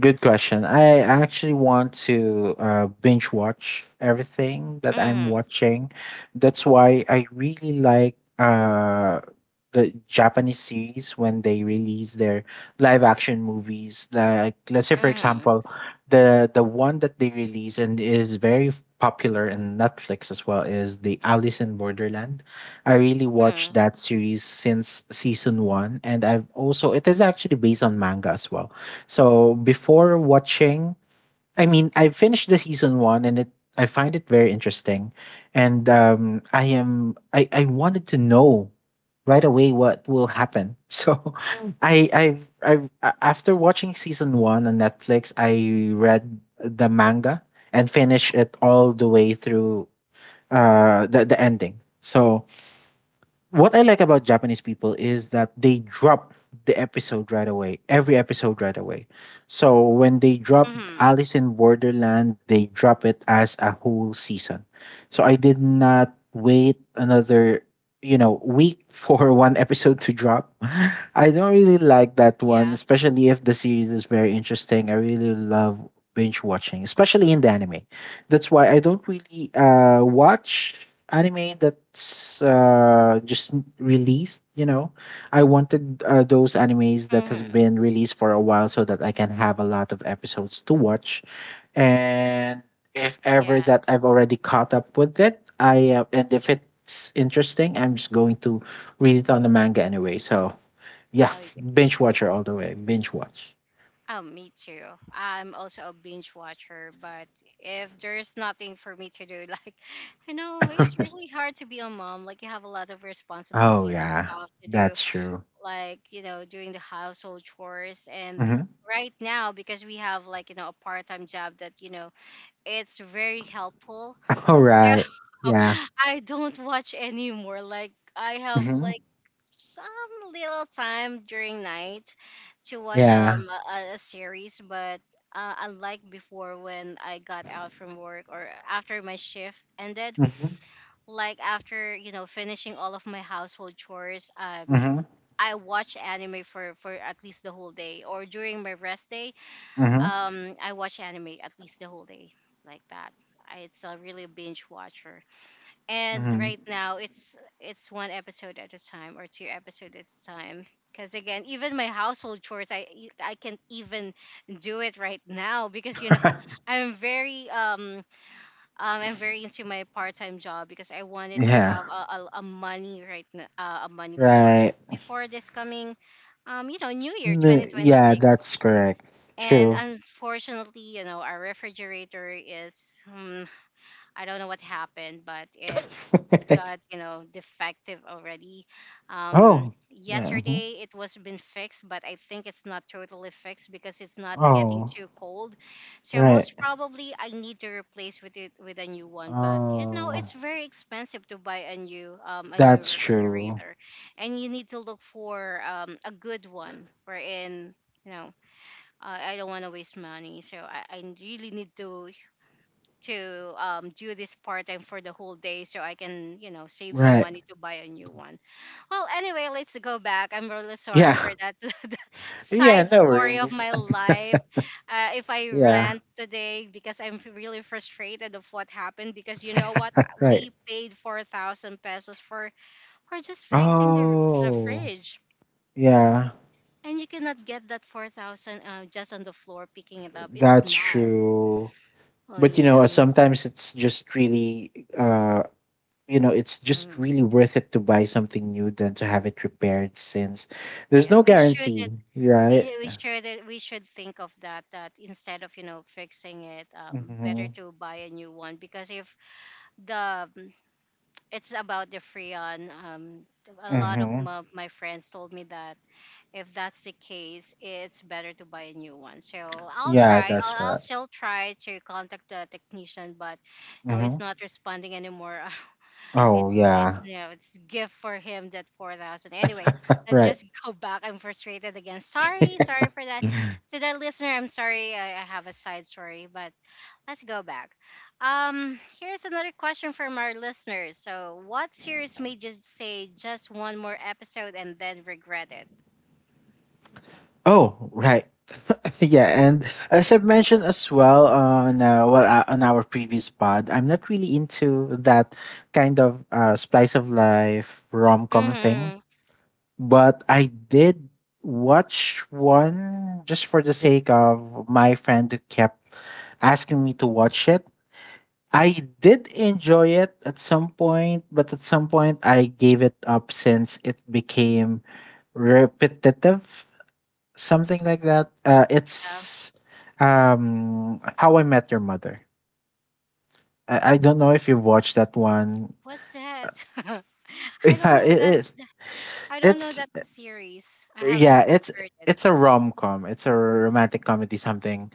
Speaker 2: Good question. I actually want to binge watch everything that I'm
Speaker 1: Mm-hmm.
Speaker 2: watching. That's why I really like the Japanese series when they release their live action movies. Like, let's say, for
Speaker 1: Mm-hmm.
Speaker 2: example, the one that they release and is very popular in Netflix as well is the Alice in Borderland. I really watched
Speaker 1: Mm-hmm.
Speaker 2: that series since season one, and I've also it is actually based on manga as well. So before watching, I mean, I finished the season one, and it I find it very interesting, and I am I wanted to know right away what will happen. [LAUGHS] So Mm. I've after watching season one on Netflix, I read the manga and finished it all the way through the ending. So what I like about Japanese people is that they drop the episode right away, every episode right away. So when they drop
Speaker 1: Mm-hmm.
Speaker 2: Alice in Borderland, they drop it as a whole season. So I did not wait another, you know, week [LAUGHS] for one episode to drop. [LAUGHS] I don't really like that one,
Speaker 1: Yeah.
Speaker 2: especially if the series is very interesting. I really love binge watching, especially in the anime. That's why I don't really watch anime that's just released, you know. I wanted those animes that has
Speaker 1: Mm-hmm.
Speaker 2: been released for a while so that I can have a lot of episodes to watch, and if ever that
Speaker 1: Yes.
Speaker 2: I've already caught up with it I and if it's interesting I'm just going to read it on the manga anyway. So yeah,
Speaker 1: Oh,
Speaker 2: binge
Speaker 1: yes.
Speaker 2: watcher all the way, binge watch.
Speaker 1: Oh, me too. I'm also a binge watcher, but if there's nothing for me to do, [LAUGHS] like, I know it's
Speaker 2: [LAUGHS]
Speaker 1: really hard to be a mom. Like, you have a lot of
Speaker 2: Oh
Speaker 1: responsibility and
Speaker 2: yeah,
Speaker 1: stuff to do,
Speaker 2: that's true.
Speaker 1: like, you know, doing the household chores. And
Speaker 2: Mhm.
Speaker 1: right now, because we have, like, you know, a part time job that, you know, it's very helpful.
Speaker 2: [LAUGHS] All
Speaker 1: So
Speaker 2: right. Yeah.
Speaker 1: [LAUGHS] I don't watch anymore. Like, I have,
Speaker 2: Hmm.
Speaker 1: like, some little time during night to watch
Speaker 2: Yeah.
Speaker 1: a series, but unlike before when I got out from work or after my shift ended, like after you know finishing all of my household chores,
Speaker 2: Hmm.
Speaker 1: I watch anime for at least the whole day or during my rest day,
Speaker 2: Mm-hmm.
Speaker 1: I watch anime at least the whole day, like that. I, it's a really binge watcher, and
Speaker 2: Mm-hmm.
Speaker 1: right now it's one episode at a time or two episodes at a time. Because again, even my household chores, I can't even do it right now because
Speaker 2: [LAUGHS] Right.
Speaker 1: [LAUGHS] I'm very um, I'm very into my part time job because I wanted to
Speaker 2: Yeah.
Speaker 1: have a money right now a money before
Speaker 2: Right.
Speaker 1: this coming New Year
Speaker 2: Yeah,
Speaker 1: 2026.
Speaker 2: that's correct.
Speaker 1: And
Speaker 2: True.
Speaker 1: unfortunately, our refrigerator is, I don't know what happened, but it
Speaker 2: [LAUGHS]
Speaker 1: got defective already.
Speaker 2: Oh. Yeah. Mhm.
Speaker 1: Yesterday it was been fixed, but I think it's not totally fixed because it's not getting
Speaker 2: Oh.
Speaker 1: too cold. So
Speaker 2: Right.
Speaker 1: most probably I need to replace with a new one, but
Speaker 2: Oh.
Speaker 1: it's very expensive to buy a new
Speaker 2: That's true.
Speaker 1: refrigerator. And you need to look for a good one, wherein you know I don't want to waste money, so I really need to do this part time for the whole day so I can, save some
Speaker 2: Right.
Speaker 1: money to buy a new one. Well, anyway, let's go back. I'm really sorry
Speaker 2: Yeah.
Speaker 1: for
Speaker 2: [LAUGHS]
Speaker 1: that [LAUGHS]
Speaker 2: Yeah,
Speaker 1: side
Speaker 2: no
Speaker 1: story of
Speaker 2: worries.
Speaker 1: my life. If I
Speaker 2: [LAUGHS] Yeah.
Speaker 1: rant today because I'm really frustrated of what happened, because you know what?
Speaker 2: Right.
Speaker 1: We paid 4,000 pesos for just fixing the
Speaker 2: Oh.
Speaker 1: fridge.
Speaker 2: Yeah.
Speaker 1: And you cannot get that 4,000 just on the floor picking it up. It's
Speaker 2: That's
Speaker 1: not.
Speaker 2: true.
Speaker 1: Oh,
Speaker 2: But you
Speaker 1: yeah.
Speaker 2: know,
Speaker 1: Mm,
Speaker 2: sometimes it's just really uh you know it's just
Speaker 1: mm.
Speaker 2: really worth it to buy something new than to have it repaired, since there's
Speaker 1: Yeah,
Speaker 2: no
Speaker 1: we should
Speaker 2: guarantee, right?
Speaker 1: we we sure that we should think of that, instead of fixing it. Better
Speaker 2: Mm-hmm.
Speaker 1: to buy a new one. Because if the mm, it's about the freon. A lot of
Speaker 2: Mm-hmm.
Speaker 1: my friends told me that if that's the case, it's better to buy a new one. So i'll
Speaker 2: Yeah,
Speaker 1: try
Speaker 2: that's
Speaker 1: i'll, I'll
Speaker 2: right.
Speaker 1: still try to contact the technician. But no,
Speaker 2: Mm-hmm.
Speaker 1: he's not responding anymore. [LAUGHS]
Speaker 2: Oh
Speaker 1: It's it's
Speaker 2: yeah.
Speaker 1: you know, it's gift for him, that 4,000. Anyway, let's
Speaker 2: Right.
Speaker 1: just [LAUGHS] go back. I'm frustrated again. Sorry, sorry for that. To the listener, I'm sorry. I have a side story, but let's go back. Here's another question from our listeners. So, what series made you say just one more episode and then regret it?
Speaker 2: Oh, right. [LAUGHS] Yeah, and as I've mentioned as well on well on our previous pod, I'm not really into that kind of splice of life rom-com thing,
Speaker 1: Hmm.
Speaker 2: but I did watch one just for the sake of my friend who kept asking me to watch it. I did enjoy it at some point, but at some point I gave it up since it became repetitive, something like that.
Speaker 1: Yeah.
Speaker 2: It's How I Met Your Mother. I don't know if you've watched that one. [LAUGHS]
Speaker 1: What's that? [LAUGHS] I don't
Speaker 2: Yeah,
Speaker 1: know
Speaker 2: it,
Speaker 1: that.
Speaker 2: it,
Speaker 1: I don't know
Speaker 2: it's
Speaker 1: that series. I
Speaker 2: yeah,
Speaker 1: haven't heard it.
Speaker 2: it's a rom com. It's a romantic comedy something,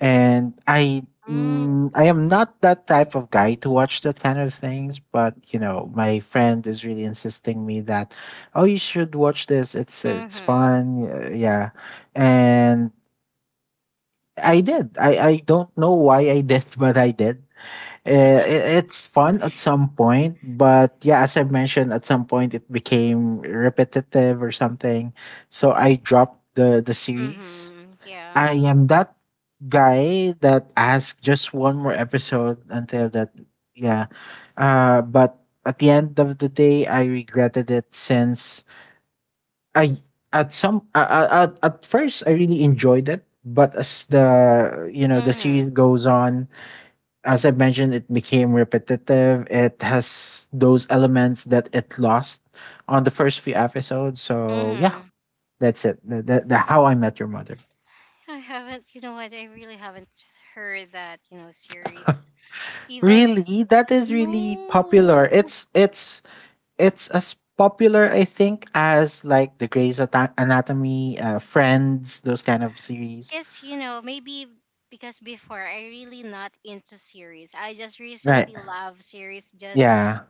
Speaker 2: and I
Speaker 1: Mm, okay.
Speaker 2: mm, I am not that type of guy to watch that kind of things. But you know, my friend is really insisting me that, oh, you should watch this. It's
Speaker 1: Mm.
Speaker 2: fun. Yeah, and I did. I don't know why I did, [LAUGHS] but I did. It's fun at some point, but yeah, as I've mentioned, at some point it became repetitive or something. So I dropped the series.
Speaker 1: Mm-hmm. Yeah.
Speaker 2: I am that guy that asks just one more episode until that yeah. Uh, but at the end of the day I regretted it since I at some at first I really enjoyed it, but as the you know the
Speaker 1: Mm-hmm.
Speaker 2: series goes on, as I've mentioned, it became repetitive. It has those elements that it lost on the first few episodes. So yeah,
Speaker 1: Mm-hmm.
Speaker 2: that's it. The How I Met Your Mother.
Speaker 1: I haven't. You know what? I really haven't heard that, you know, series. Even s-
Speaker 2: Really, that is really popular.
Speaker 1: no.
Speaker 2: It's it's as popular, I think, as like the Grey's Anatomy, Friends, those kind of series.
Speaker 1: Because maybe because before I really not into series. I just
Speaker 2: Right.
Speaker 1: recently love series, just
Speaker 2: Yeah.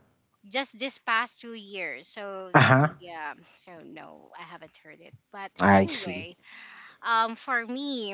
Speaker 1: just this past 2 years. So,
Speaker 2: Uh huh.
Speaker 1: yeah. So no, I haven't heard it. But
Speaker 2: I see.
Speaker 1: anyway, for me,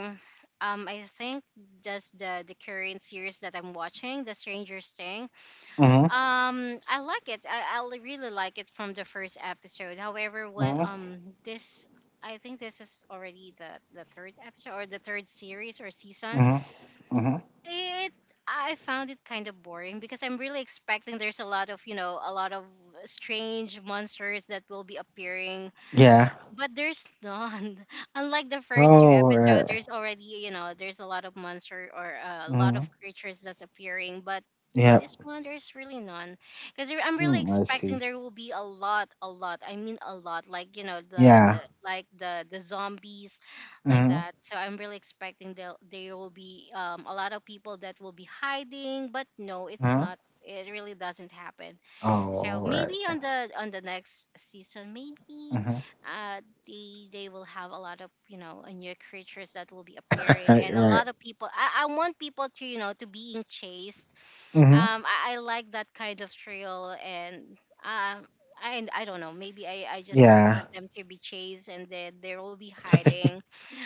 Speaker 1: I think just the current series that I'm watching, The Stranger Thing.
Speaker 2: Mhm.
Speaker 1: I like it. I really like it from the first episode. However, when
Speaker 2: Mhm.
Speaker 1: this I think this is already the third episode or the third series or season.
Speaker 2: Mhm. Mhm.
Speaker 1: It I found it kind of boring because I'm really expecting there's a lot of strange monsters that will be appearing,
Speaker 2: Yeah.
Speaker 1: but there's none. [LAUGHS] Unlike the first two
Speaker 2: Oh
Speaker 1: episodes,
Speaker 2: right.
Speaker 1: there's already, you know, there's a lot of monster or a lot of
Speaker 2: Mhm.
Speaker 1: creatures that's appearing. But for
Speaker 2: Yep.
Speaker 1: this one, there's really none. Because I'm really
Speaker 2: Mm, I
Speaker 1: expecting
Speaker 2: see.
Speaker 1: there will be a lot, a lot. I mean, a lot. Like, you know,
Speaker 2: Yeah.
Speaker 1: the like the zombies, like
Speaker 2: Mm-hmm.
Speaker 1: that. So I'm really expecting there will be a lot of people that will be hiding. But no, it's
Speaker 2: Mm-hmm.
Speaker 1: not. It really doesn't happen.
Speaker 2: Oh,
Speaker 1: So maybe
Speaker 2: right.
Speaker 1: on the next season, maybe
Speaker 2: Mm-hmm. [LAUGHS]
Speaker 1: uh they will have a lot of new creatures that will be appearing,
Speaker 2: Right,
Speaker 1: and a
Speaker 2: right.
Speaker 1: lot of people. I want people to you know to being chased.
Speaker 2: Mm-hmm.
Speaker 1: I like that kind of thrill, and um, I don't know. Maybe I just want
Speaker 2: Yeah.
Speaker 1: them to be chased, and then they will be hiding.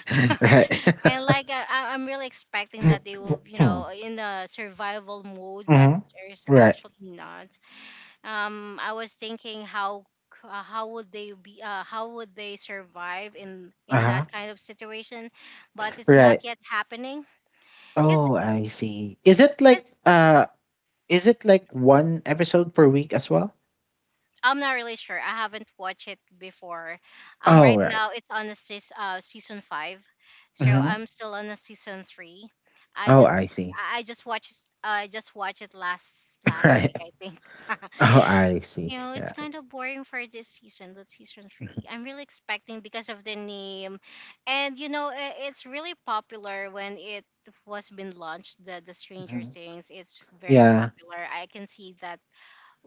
Speaker 2: [LAUGHS]
Speaker 1: [LAUGHS]
Speaker 2: Right.
Speaker 1: And like, I'm really expecting that they will
Speaker 2: [COUGHS] [LAUGHS]
Speaker 1: in a survival mode, but
Speaker 2: Mm-hmm.
Speaker 1: there's
Speaker 2: Right.
Speaker 1: actually not. I was thinking how would they survive in that
Speaker 2: Uh-huh.
Speaker 1: kind of situation, but it's not
Speaker 2: Right.
Speaker 1: yet happening because
Speaker 2: Oh, I see. Is it like is it like one episode per week as well?
Speaker 1: I'm not really sure. I haven't watched it before.
Speaker 2: Oh,
Speaker 1: Right
Speaker 2: right.
Speaker 1: now it's on the season 5, so
Speaker 2: Mm-hmm.
Speaker 1: I'm still on the season 3. I
Speaker 2: Oh, I
Speaker 1: just
Speaker 2: see.
Speaker 1: I just watched I just watched it last
Speaker 2: [LAUGHS]
Speaker 1: last
Speaker 2: Right.
Speaker 1: week, I think. [LAUGHS]
Speaker 2: Oh, I see.
Speaker 1: It's
Speaker 2: Yeah.
Speaker 1: kind of boring for this season, the season 3. I'm really expecting because of the name, and it's really popular when it was been launched. The Stranger
Speaker 2: Mm-hmm.
Speaker 1: Things, it's very
Speaker 2: Yeah.
Speaker 1: popular. I can see that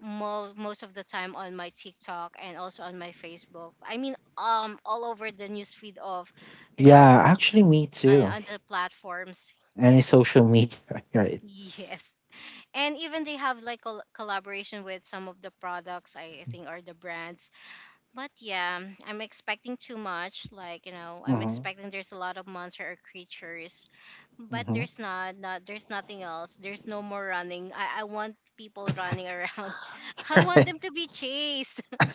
Speaker 1: most of the time on my TikTok and also on my Facebook. I mean, all over the newsfeed of, you know,
Speaker 2: Yeah, actually me too.
Speaker 1: on the platforms.
Speaker 2: Any
Speaker 1: Yes,
Speaker 2: social media, [LAUGHS]
Speaker 1: [LAUGHS]
Speaker 2: right?
Speaker 1: yes, and even they have like collaboration with some of the products, I think, or the brands, but yeah, I'm expecting too much. Like, I'm
Speaker 2: Mm-hmm.
Speaker 1: expecting there's a lot of monster or creatures, but
Speaker 2: Mm-hmm.
Speaker 1: there's not, not there's nothing else. There's no more running. I want people running around. [LAUGHS] I want them
Speaker 2: [LAUGHS]
Speaker 1: to be chased. [LAUGHS]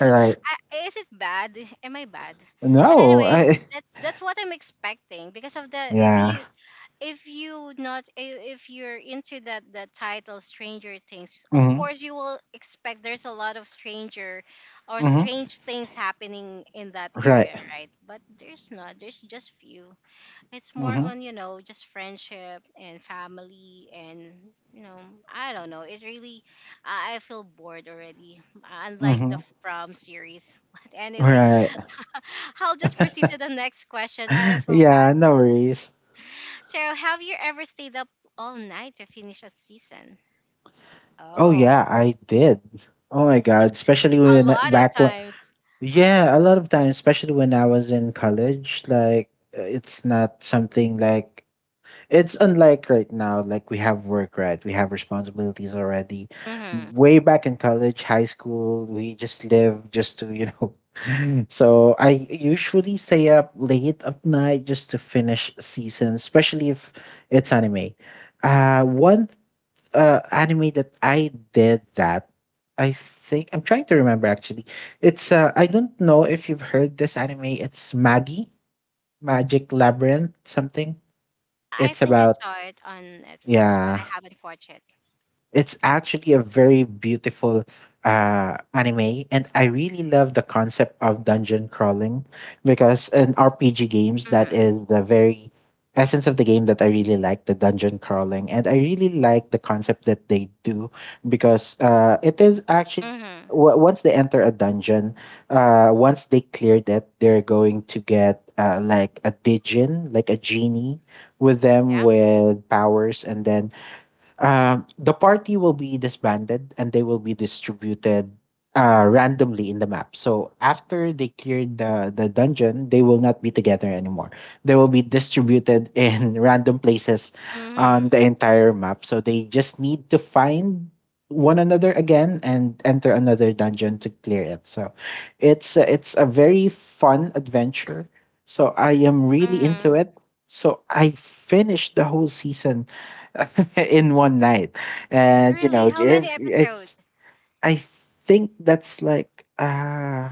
Speaker 2: Right.
Speaker 1: Is it bad? Am I bad? But
Speaker 2: No,
Speaker 1: anyway,
Speaker 2: I.
Speaker 1: that's what I'm expecting. Because of the
Speaker 2: Yeah.
Speaker 1: if you not I- If you're into that title stranger things, of
Speaker 2: Mm-hmm.
Speaker 1: course you will expect there's a lot of stranger or
Speaker 2: Mm-hmm.
Speaker 1: strange things happening in that area,
Speaker 2: Right.
Speaker 1: right? But there's not, there's just few. It's more
Speaker 2: Mm-hmm.
Speaker 1: on just friendship and family, and you know I don't know. I feel bored already, unlike the
Speaker 2: Mm-hmm.
Speaker 1: from series. [LAUGHS] But anyway,
Speaker 2: Right.
Speaker 1: [LAUGHS] I'll just proceed to the next question. I
Speaker 2: [LAUGHS]
Speaker 1: feel bad.
Speaker 2: Yeah, no worries.
Speaker 1: So, have you ever stayed up all night to finish a season?
Speaker 2: Oh
Speaker 1: Oh,
Speaker 2: yeah, I did. Oh my god, especially
Speaker 1: a lot of
Speaker 2: back when
Speaker 1: times.
Speaker 2: yeah, a lot of times, especially when I was in college, like it's not something like it's unlike right now, like we have work, right? We have responsibilities already.
Speaker 1: Hmm.
Speaker 2: Way back in college, high school, we just live just to, you know. [LAUGHS] So I usually stay up late at night just to finish seasons, especially if it's anime. One anime that I did that, I think, I'm trying to remember actually. It's, I don't know if you've heard this anime. It's Maggie, Magic Labyrinth, something.
Speaker 1: I
Speaker 2: It's
Speaker 1: think I
Speaker 2: about
Speaker 1: saw it on Netflix, but I
Speaker 2: yeah,
Speaker 1: haven't watched it.
Speaker 2: it's actually a very beautiful anime, and I really love the concept of dungeon crawling because in RPG games, that
Speaker 1: Mm-hmm.
Speaker 2: is the very essence of the game that I really like the dungeon crawling, and I really like the concept that they do because it is actually.
Speaker 1: Mm-hmm.
Speaker 2: Once they enter a dungeon, once they clear that, they're going to get like a Digin, like a genie with them
Speaker 1: Yeah.
Speaker 2: with powers, and then the party will be disbanded and they will be distributed randomly in the map. So after they cleared the dungeon, they will not be together anymore. They will be distributed in [LAUGHS] random places on
Speaker 1: Mm-hmm.
Speaker 2: the entire map. So they just need to find one another again and enter another dungeon to clear it. So it's a very fun adventure. So I am really into
Speaker 1: Mm-hmm.
Speaker 2: it. So I finished the whole season [LAUGHS] in one night. And you
Speaker 1: Really?
Speaker 2: know,
Speaker 1: How many
Speaker 2: it's
Speaker 1: episodes?
Speaker 2: it's I think that's like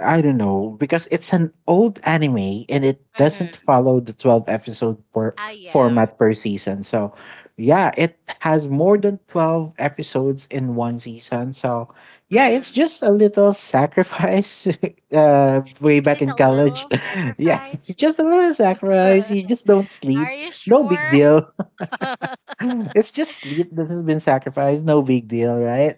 Speaker 2: I don't know because it's an old anime and it doesn't
Speaker 1: Mm-hmm.
Speaker 2: follow the 12 episode per
Speaker 1: I am.
Speaker 2: format per season. So, yeah, it has more than 12 episodes in one season. So, yeah, it's
Speaker 1: Mm-hmm.
Speaker 2: just a little sacrifice [LAUGHS]
Speaker 1: Is
Speaker 2: way
Speaker 1: it a
Speaker 2: back in
Speaker 1: little
Speaker 2: college. [LAUGHS] Yeah,
Speaker 1: sacrifice?
Speaker 2: just a little
Speaker 1: [LAUGHS]
Speaker 2: sacrifice. You
Speaker 1: Are
Speaker 2: just don't sleep.
Speaker 1: you
Speaker 2: No big
Speaker 1: sure?
Speaker 2: deal. [LAUGHS]
Speaker 1: [LAUGHS]
Speaker 2: It's just sleep that has been sacrificed. No big deal, right?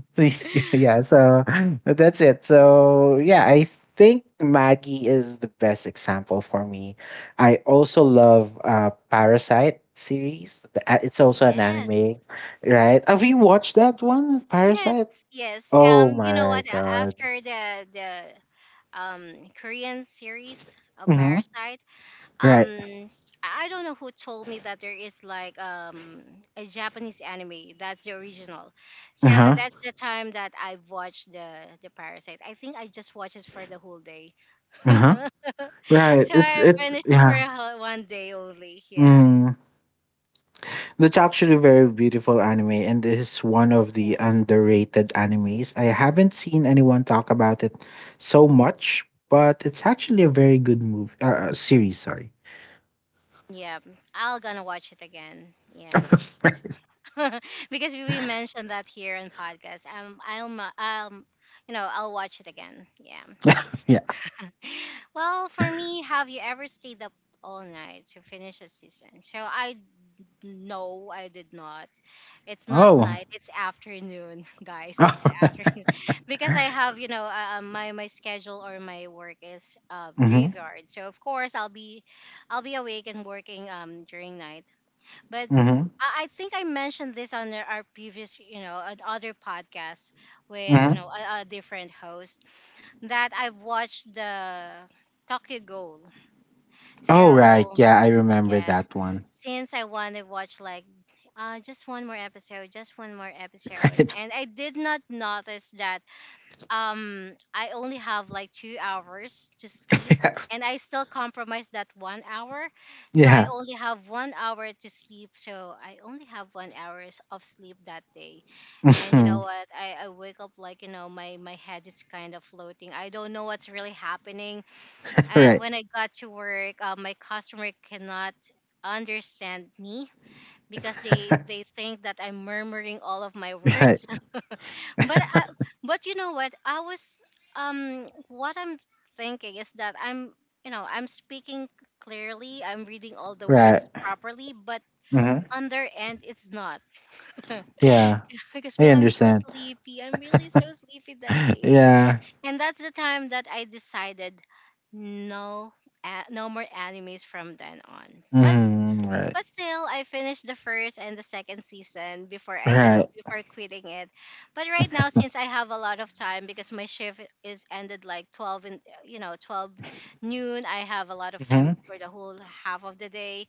Speaker 2: [LAUGHS] Please, [LAUGHS] yeah. So [CLEARS THROAT] that's it. So yeah, I think Maggie is the best example for me. I also love Parasite series. It's also an
Speaker 1: Yes.
Speaker 2: anime, right? Have you watched that one,
Speaker 1: Yes,
Speaker 2: Parasite?
Speaker 1: yes.
Speaker 2: Oh
Speaker 1: You know
Speaker 2: my
Speaker 1: what?
Speaker 2: god!
Speaker 1: After the um Korean series of
Speaker 2: Hmm.
Speaker 1: Parasite. Um
Speaker 2: Right.
Speaker 1: I don't know who told me that there is like a Japanese anime that's the original.
Speaker 2: Uh
Speaker 1: So that's
Speaker 2: huh.
Speaker 1: the time that I watched the Parasite. I think I just watched it for the whole day.
Speaker 2: Uh huh.
Speaker 1: [LAUGHS]
Speaker 2: Right.
Speaker 1: So
Speaker 2: It's
Speaker 1: I
Speaker 2: it's
Speaker 1: finished it for
Speaker 2: yeah.
Speaker 1: one day only. Yeah.
Speaker 2: Mm. That's actually a very beautiful anime, and this is one of the
Speaker 1: Yes.
Speaker 2: underrated animes. I haven't seen anyone talk about it so much, but it's actually a very good movie series. Sorry.
Speaker 1: Yeah. I'll gonna watch it again. Yeah. [LAUGHS] Because we mentioned that here in podcast. I'll, mu- you know, I'll watch it again. Yeah.
Speaker 2: [LAUGHS] Yeah.
Speaker 1: [LAUGHS] Well, for me, have you ever stayed up all night to finish a season? So, I no, I did not. It's not
Speaker 2: Oh.
Speaker 1: night. It's afternoon, [LAUGHS] guys. It's the afternoon, [LAUGHS] because I have, my schedule or my work is
Speaker 2: Mm-hmm.
Speaker 1: graveyard. So of course I'll be, awake and working during night, but
Speaker 2: Mm-hmm.
Speaker 1: I think I mentioned this on our previous, on other podcasts with,
Speaker 2: Mm-hmm. [LAUGHS]
Speaker 1: a different host, that I've watched the Tokyo Ghoul.
Speaker 2: Oh right.
Speaker 1: So,
Speaker 2: Yeah, I remember
Speaker 1: yeah,
Speaker 2: that one.
Speaker 1: since I want to watch like just one more episode, just one more episode.
Speaker 2: [LAUGHS]
Speaker 1: And I did not notice that I only have like 2 hours to sleep,
Speaker 2: Right.
Speaker 1: and I still compromise that 1 hour.
Speaker 2: [LAUGHS]
Speaker 1: So I
Speaker 2: Yeah.
Speaker 1: only have 1 hour to sleep. So I only have 1 hours of sleep that day. And you
Speaker 2: Hmm.
Speaker 1: know what? I wake up like, my head is kind of floating. I don't know what's really happening.
Speaker 2: [LAUGHS] Right.
Speaker 1: When I got to work, my customer cannot understand me because they
Speaker 2: [LAUGHS]
Speaker 1: think that I'm murmuring all of my
Speaker 2: Right.
Speaker 1: words. [LAUGHS] but I,
Speaker 2: [LAUGHS]
Speaker 1: but you know what? I was What I'm thinking is that I'm you know I'm speaking clearly. I'm reading all the
Speaker 2: Right.
Speaker 1: words properly, but
Speaker 2: Hmm.
Speaker 1: on their end it's not.
Speaker 2: Yeah.
Speaker 1: [LAUGHS] Because
Speaker 2: I
Speaker 1: me, I'm so
Speaker 2: understand.
Speaker 1: sleepy. I'm really so sleepy that
Speaker 2: [LAUGHS]
Speaker 1: day.
Speaker 2: Yeah.
Speaker 1: And that's the time that I decided, no, no more animes from then on. but
Speaker 2: Hmm. Right.
Speaker 1: but still, I finished the first and the second season before I,
Speaker 2: Right.
Speaker 1: before quitting it. But right now, since I have a lot of time because my shift is ended like 12, 12 noon, I have a lot of time
Speaker 2: Mhm.
Speaker 1: for the whole half of the day.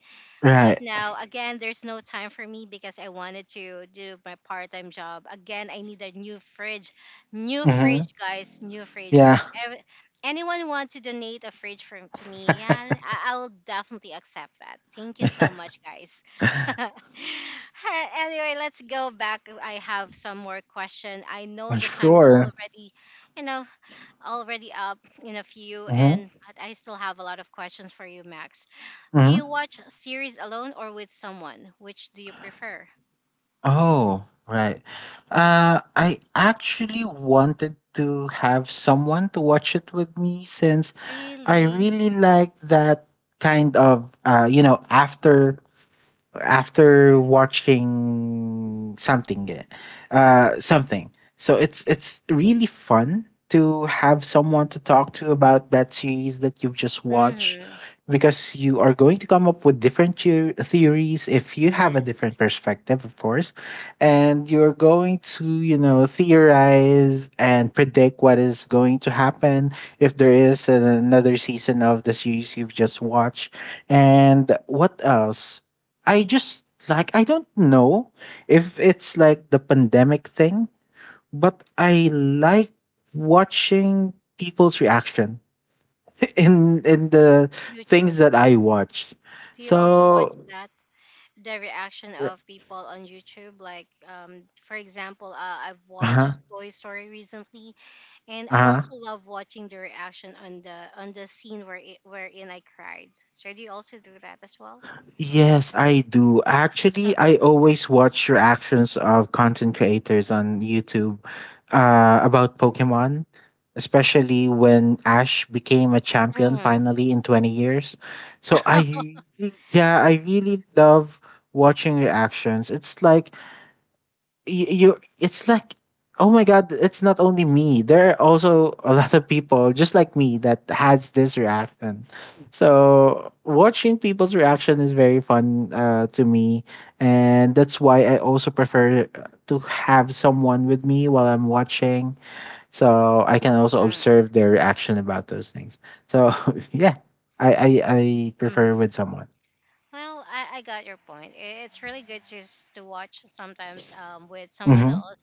Speaker 1: But
Speaker 2: Right.
Speaker 1: now, again, there's no time for me because I wanted to do my part time job. Again, I need a new fridge. New
Speaker 2: Mhm.
Speaker 1: fridge, guys. New fridge.
Speaker 2: Yeah.
Speaker 1: If ever, anyone wants to donate a fridge to me, yeah,
Speaker 2: [LAUGHS]
Speaker 1: I will definitely accept that. Thank you so much, guys. [LAUGHS] Alright, anyway, let's go back. I have some more question. I know the time is
Speaker 2: Sure.
Speaker 1: already, you know, already up in a few,
Speaker 2: Mhm.
Speaker 1: and I still have a lot of questions for you, Max. Do you
Speaker 2: Mhm.
Speaker 1: watch series alone or with someone? Which do you prefer?
Speaker 2: Oh, right. I actually wanted to have someone to watch it with me since I
Speaker 1: Really?
Speaker 2: really like that kind of you know, after watching something so it's really fun to have someone to talk to about that series that you've just watched
Speaker 1: Mm-hmm.
Speaker 2: because you are going to come up with different theories if you have a
Speaker 1: Yes.
Speaker 2: different perspective of course and you're going to you know theorize and predict what is going to happen if there is another season of the series you've just watched and what else I just like I don't know if it's like the pandemic thing, but I like watching people's reaction [LAUGHS] in the things
Speaker 1: YouTube.
Speaker 2: that I watch.
Speaker 1: Do you also watch
Speaker 2: So
Speaker 1: that? The reaction of people on YouTube. Like, for example, I've
Speaker 2: uh-huh.
Speaker 1: watched Toy Story recently, and I
Speaker 2: Uh-huh.
Speaker 1: also love watching the reaction on the scene where wherein I cried. So do you also do that as well?
Speaker 2: Yes, I do. Actually, I
Speaker 1: [LAUGHS]
Speaker 2: always watch reactions of content creators on YouTube about Pokemon, especially when Ash became a champion
Speaker 1: Mm.
Speaker 2: finally in 20 years. So
Speaker 1: [LAUGHS]
Speaker 2: yeah, I really love watching reactions. It's like you it's like oh my god it's not only me there are also a lot of people just like me that has this reaction so watching people's reaction is very fun to me and that's why I also prefer to have someone with me while I'm watching so I can also
Speaker 1: Mm.
Speaker 2: observe their reaction about those things so [LAUGHS] yeah I prefer
Speaker 1: Mm.
Speaker 2: with someone.
Speaker 1: Well, I got your point. It's really good to to watch sometimes with someone
Speaker 2: Hmm.
Speaker 1: else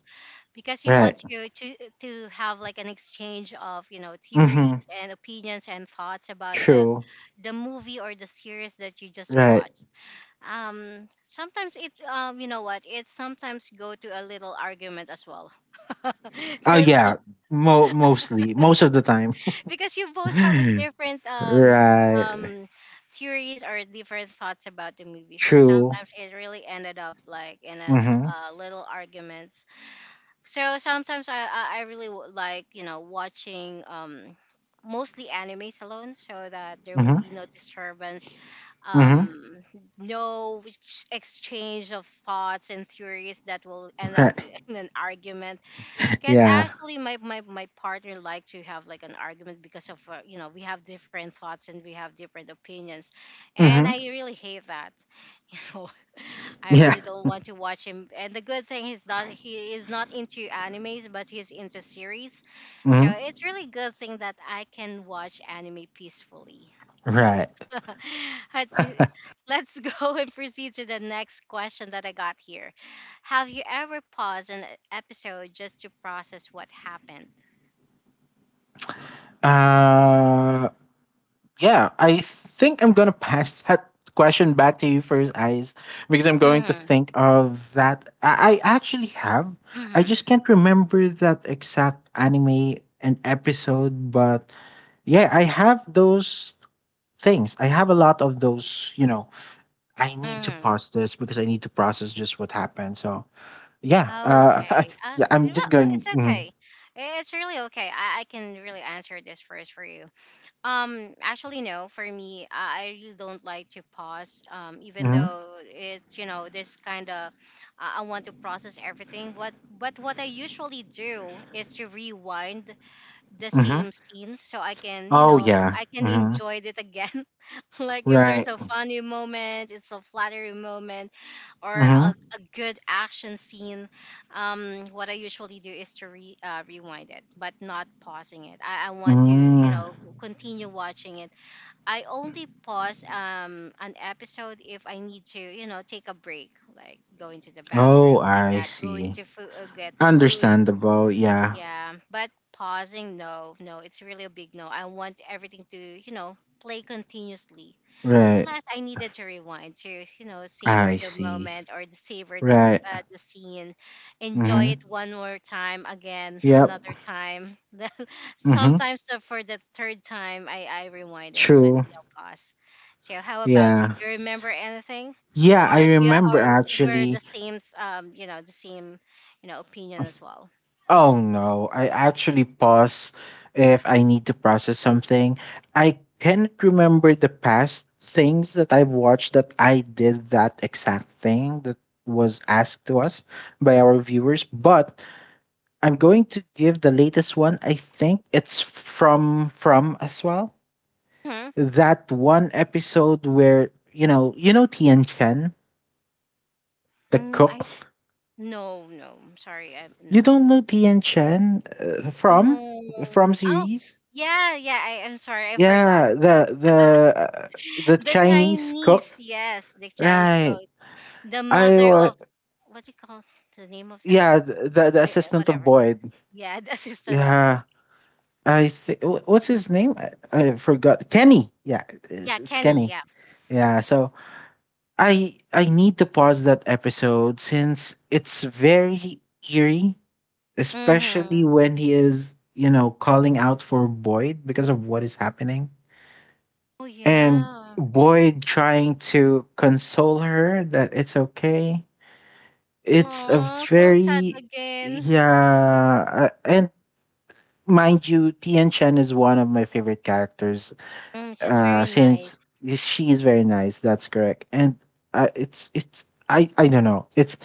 Speaker 1: because you want
Speaker 2: Right.
Speaker 1: to have like an exchange of, you know,
Speaker 2: Hmm.
Speaker 1: theories and opinions and thoughts about the
Speaker 2: True.
Speaker 1: the movie or the series that you just
Speaker 2: Right.
Speaker 1: watched. Sometimes it you know what, it sometimes go to a little argument as well. [LAUGHS]
Speaker 2: Oh
Speaker 1: so
Speaker 2: yeah,
Speaker 1: so
Speaker 2: Mostly, most of the time.
Speaker 1: because you both have a
Speaker 2: [LAUGHS]
Speaker 1: different
Speaker 2: Right.
Speaker 1: theories or different thoughts about the movie, so
Speaker 2: True.
Speaker 1: sometimes it really ended up like in a
Speaker 2: Mhm.
Speaker 1: little arguments. So sometimes I really like, you know, watching mostly animes alone so that there will
Speaker 2: Mhm.
Speaker 1: be no disturbance,
Speaker 2: Mhm.
Speaker 1: um no exchange of thoughts and theories that will end up
Speaker 2: Right.
Speaker 1: in an argument,
Speaker 2: [LAUGHS]
Speaker 1: because
Speaker 2: Yeah.
Speaker 1: actually, my partner like to have like an argument because of, you know, we have different thoughts and we have different opinions, and I
Speaker 2: Mhm.
Speaker 1: really hate that. [LAUGHS] You know, I
Speaker 2: Yeah.
Speaker 1: really don't want to watch him. And the good thing is that he is not into animes, but he's into series, so
Speaker 2: Mhm.
Speaker 1: it's really good thing that I can watch anime peacefully.
Speaker 2: Right.
Speaker 1: [LAUGHS] Let's let's go and proceed to the next question that I got here. Have you ever paused an episode just to process what happened?
Speaker 2: Uh. Yeah. I think I'm gonna pass [LAUGHS] that question back to you first, eyes, because I'm going to
Speaker 1: Mm-hmm.
Speaker 2: think of that. I actually have. I
Speaker 1: Mm-hmm.
Speaker 2: just can't remember that exact anime and episode, but yeah, I have those things. I have a lot of those, you know, I need to
Speaker 1: Mm-hmm.
Speaker 2: pause this because I need to process just what happened. So, yeah,
Speaker 1: Okay.
Speaker 2: [LAUGHS] yeah,
Speaker 1: You
Speaker 2: I'm
Speaker 1: know,
Speaker 2: just
Speaker 1: it's
Speaker 2: going, mm,
Speaker 1: okay. It's really okay. I can really answer this first for you. Actually, no. For me, I really don't like to pause. Even
Speaker 2: mm,
Speaker 1: though it's, you know, this kind of, I want to process everything. What but what I usually do is to rewind the
Speaker 2: mm-hmm.
Speaker 1: same scene so I can, you
Speaker 2: Oh,
Speaker 1: know,
Speaker 2: yeah,
Speaker 1: I can
Speaker 2: mm-hmm.
Speaker 1: enjoy it again. [LAUGHS] Like if there's a
Speaker 2: Right,
Speaker 1: funny moment, it's a flattering moment or
Speaker 2: mm-hmm.
Speaker 1: a good action scene, what I usually do is to rewind it, but not pausing it. I want to, you
Speaker 2: Mm.
Speaker 1: know, continue watching it. I only pause an episode if I need to, you know, take a break, like going to the bathroom,
Speaker 2: Oh,
Speaker 1: like
Speaker 2: I
Speaker 1: that, going
Speaker 2: see.
Speaker 1: to food, get the food.
Speaker 2: Understandable, yeah,
Speaker 1: Yeah, but pausing, no, no, it's really a big no. I want everything to, you know, play continuously,
Speaker 2: right,
Speaker 1: unless I needed to rewind to, you know, savor
Speaker 2: I
Speaker 1: the
Speaker 2: see,
Speaker 1: moment or the savor
Speaker 2: right,
Speaker 1: the scene, enjoy
Speaker 2: mm-hmm.
Speaker 1: it one more time, again,
Speaker 2: Yep,
Speaker 1: another time. [LAUGHS] Then
Speaker 2: mm-hmm.
Speaker 1: sometimes for the third time, I rewind it, but
Speaker 2: True,
Speaker 1: no pause. So, how about you?
Speaker 2: yeah.
Speaker 1: Do you remember anything?
Speaker 2: Yeah, I
Speaker 1: Or do you,
Speaker 2: remember
Speaker 1: or were the
Speaker 2: actually
Speaker 1: same, you know, the same, you know, opinion as well?
Speaker 2: Oh no, I actually pause if I need to process something. I can't remember the past things that I've watched that I did that exact thing that was asked to us by our viewers, but I'm going to give the latest one. I think it's from as well.
Speaker 1: Hmm?
Speaker 2: That one episode where, you know Tian Chen, the
Speaker 1: I
Speaker 2: cook.
Speaker 1: no, no. I'm sorry. I
Speaker 2: You
Speaker 1: no,
Speaker 2: don't know Tian Chen
Speaker 1: no.
Speaker 2: from
Speaker 1: Oh,
Speaker 2: series?
Speaker 1: yeah, yeah. I am sorry. I forgot.
Speaker 2: Yeah, the
Speaker 1: The
Speaker 2: Chinese cook,
Speaker 1: Chinese, yes, the Chinese
Speaker 2: right?
Speaker 1: goat. The
Speaker 2: I
Speaker 1: mother
Speaker 2: wa
Speaker 1: of, what's it called? The name of that,
Speaker 2: yeah, the
Speaker 1: J-
Speaker 2: assistant of
Speaker 1: whatever.
Speaker 2: Boyd.
Speaker 1: Yeah, the [LAUGHS] assistant of
Speaker 2: Yeah, I think what's his name? I forgot. Kenny. Yeah,
Speaker 1: yeah,
Speaker 2: it's
Speaker 1: Kenny,
Speaker 2: Kenny.
Speaker 1: yeah.
Speaker 2: Yeah, so I need to pause that episode since it's very eerie, especially
Speaker 1: Hmm.
Speaker 2: when he is, you know, calling out for Boyd because of what is happening.
Speaker 1: Oh
Speaker 2: And
Speaker 1: yeah.
Speaker 2: Boyd trying to console her that it's okay. It's a
Speaker 1: Oh, feel sad
Speaker 2: very
Speaker 1: again.
Speaker 2: yeah, and mind you, Tian Chen is one of my favorite characters.
Speaker 1: Mm, she's very nice.
Speaker 2: Since she is very nice, that's correct. And it's I don't know. It's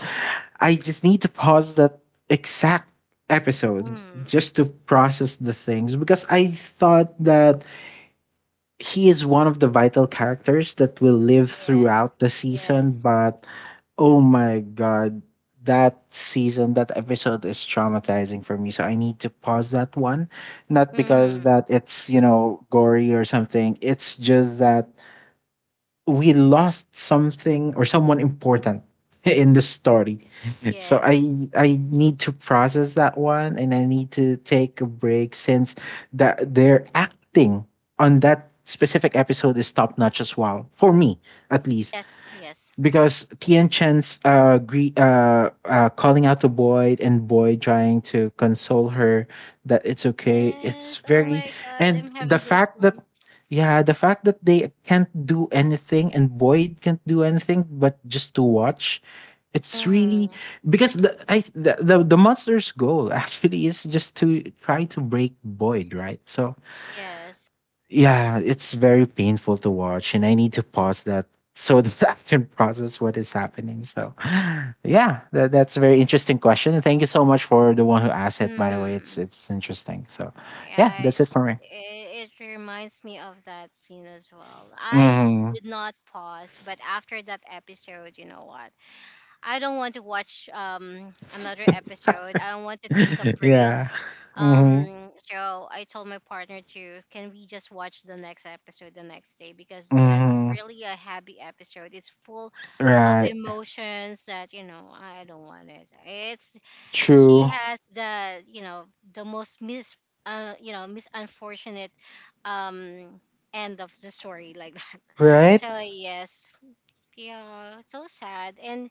Speaker 2: I just need to pause that exact episode
Speaker 1: Mm.
Speaker 2: just to process the things because I thought that he is one of the vital characters that will live
Speaker 1: Yeah,
Speaker 2: throughout the season
Speaker 1: yes.
Speaker 2: but oh my god that season that episode is traumatizing for me so I need to pause that one not because
Speaker 1: Hmm.
Speaker 2: that it's you know gory or something it's just that we lost something or someone important [LAUGHS] in the story. [LAUGHS] So
Speaker 1: Yes.
Speaker 2: I need to process that one and I need to take a break since that their acting on that specific episode is top notch as well for me at least
Speaker 1: Yes, yes.
Speaker 2: because Tian Chen's calling out to Boyd and Boyd trying to console her that it's okay. It's
Speaker 1: Yes. Oh
Speaker 2: very
Speaker 1: my god,
Speaker 2: and
Speaker 1: I'm
Speaker 2: the
Speaker 1: having
Speaker 2: fact that
Speaker 1: goosebumps.
Speaker 2: yeah, the fact that they can't do anything and Boyd can't do anything but just to watch. It's really
Speaker 1: Hmm.
Speaker 2: because the I the monster's goal [LAUGHS] actually is just to try to break Boyd, right? So
Speaker 1: Yes.
Speaker 2: yeah, it's very painful to watch, and I need to pause that so that [LAUGHS] I can process what is happening. So, [SIGHS] yeah, that's a very interesting question. And thank you so much for the one who asked it. By the way, it's
Speaker 1: Hmm.
Speaker 2: it's interesting. So, yeah,
Speaker 1: Yeah,
Speaker 2: that's it for me.
Speaker 1: it it reminds me of that scene as well. I
Speaker 2: Hmm.
Speaker 1: did not pause, but after that episode, you know what? I don't want to watch another episode. I want to take a
Speaker 2: [LAUGHS]
Speaker 1: break.
Speaker 2: Yeah. Hmm.
Speaker 1: So I told my partner to, can we just watch the next episode the next day, because that's
Speaker 2: Hmm.
Speaker 1: really a happy episode. It's full of
Speaker 2: Right.
Speaker 1: emotions that, you know, I don't want it. It's she
Speaker 2: True.
Speaker 1: has the, you know, the most mis you know, mis unfortunate um end of the story, like that. [LAUGHS] So
Speaker 2: Right.
Speaker 1: yes, yeah, so sad. And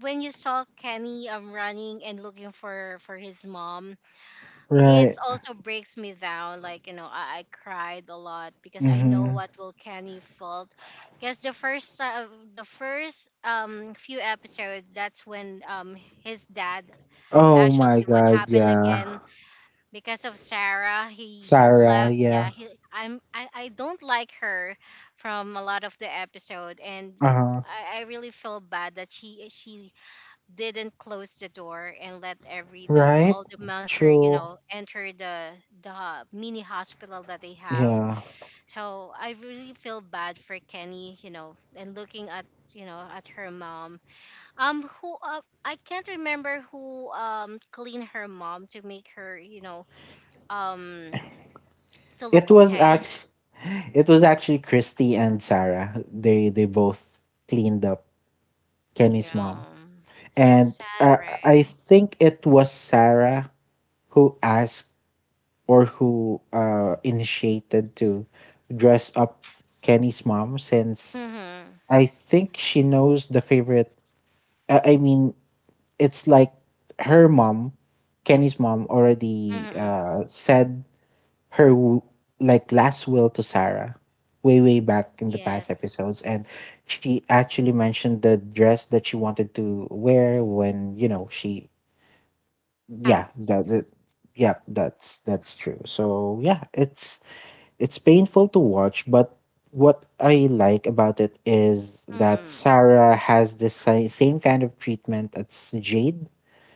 Speaker 1: when you saw Kenny running and looking for his mom, it
Speaker 2: Right.
Speaker 1: also breaks me down. Like, you know, I cried a lot because I know
Speaker 2: Hmm.
Speaker 1: what will Kenny felt, because the first few episodes, that's when his dad
Speaker 2: Oh my
Speaker 1: actually, what
Speaker 2: God.
Speaker 1: happened
Speaker 2: Yeah.
Speaker 1: again, because of Sarah, he
Speaker 2: Sarah.
Speaker 1: left,
Speaker 2: Yeah.
Speaker 1: yeah he I don't like her from a lot of the episode. And
Speaker 2: Uh huh.
Speaker 1: I really feel bad that she didn't close the door and let every the
Speaker 2: Right.
Speaker 1: all the monster, you
Speaker 2: True.
Speaker 1: know, enter the mini hospital that they have.
Speaker 2: Yeah.
Speaker 1: So I really feel bad for Kenny, you know, and looking at, you know, at her mom, who, I can't remember who cleaned her mom to make her, you know, um to
Speaker 2: It
Speaker 1: look
Speaker 2: was
Speaker 1: okay.
Speaker 2: act- [LAUGHS] it was actually Christy and Sarah. They both cleaned up Kenny's mom,
Speaker 1: Yeah. So
Speaker 2: and
Speaker 1: sad,
Speaker 2: uh,
Speaker 1: right?
Speaker 2: I think it was Sarah who asked or who initiated to dress up Kenny's mom, since
Speaker 1: Mhm.
Speaker 2: I think she knows the favorite. I mean, it's like her mom, Kenny's mom, already
Speaker 1: Mhm.
Speaker 2: said her like last will to Sarah way way back in the past
Speaker 1: Yes.
Speaker 2: episodes and she actually mentioned the dress that she wanted to wear when you know she yeah
Speaker 1: Facts.
Speaker 2: the yeah that's true so yeah it's painful to watch but what I like about it is that
Speaker 1: Mhm.
Speaker 2: Sarah has this same kind of treatment as Jade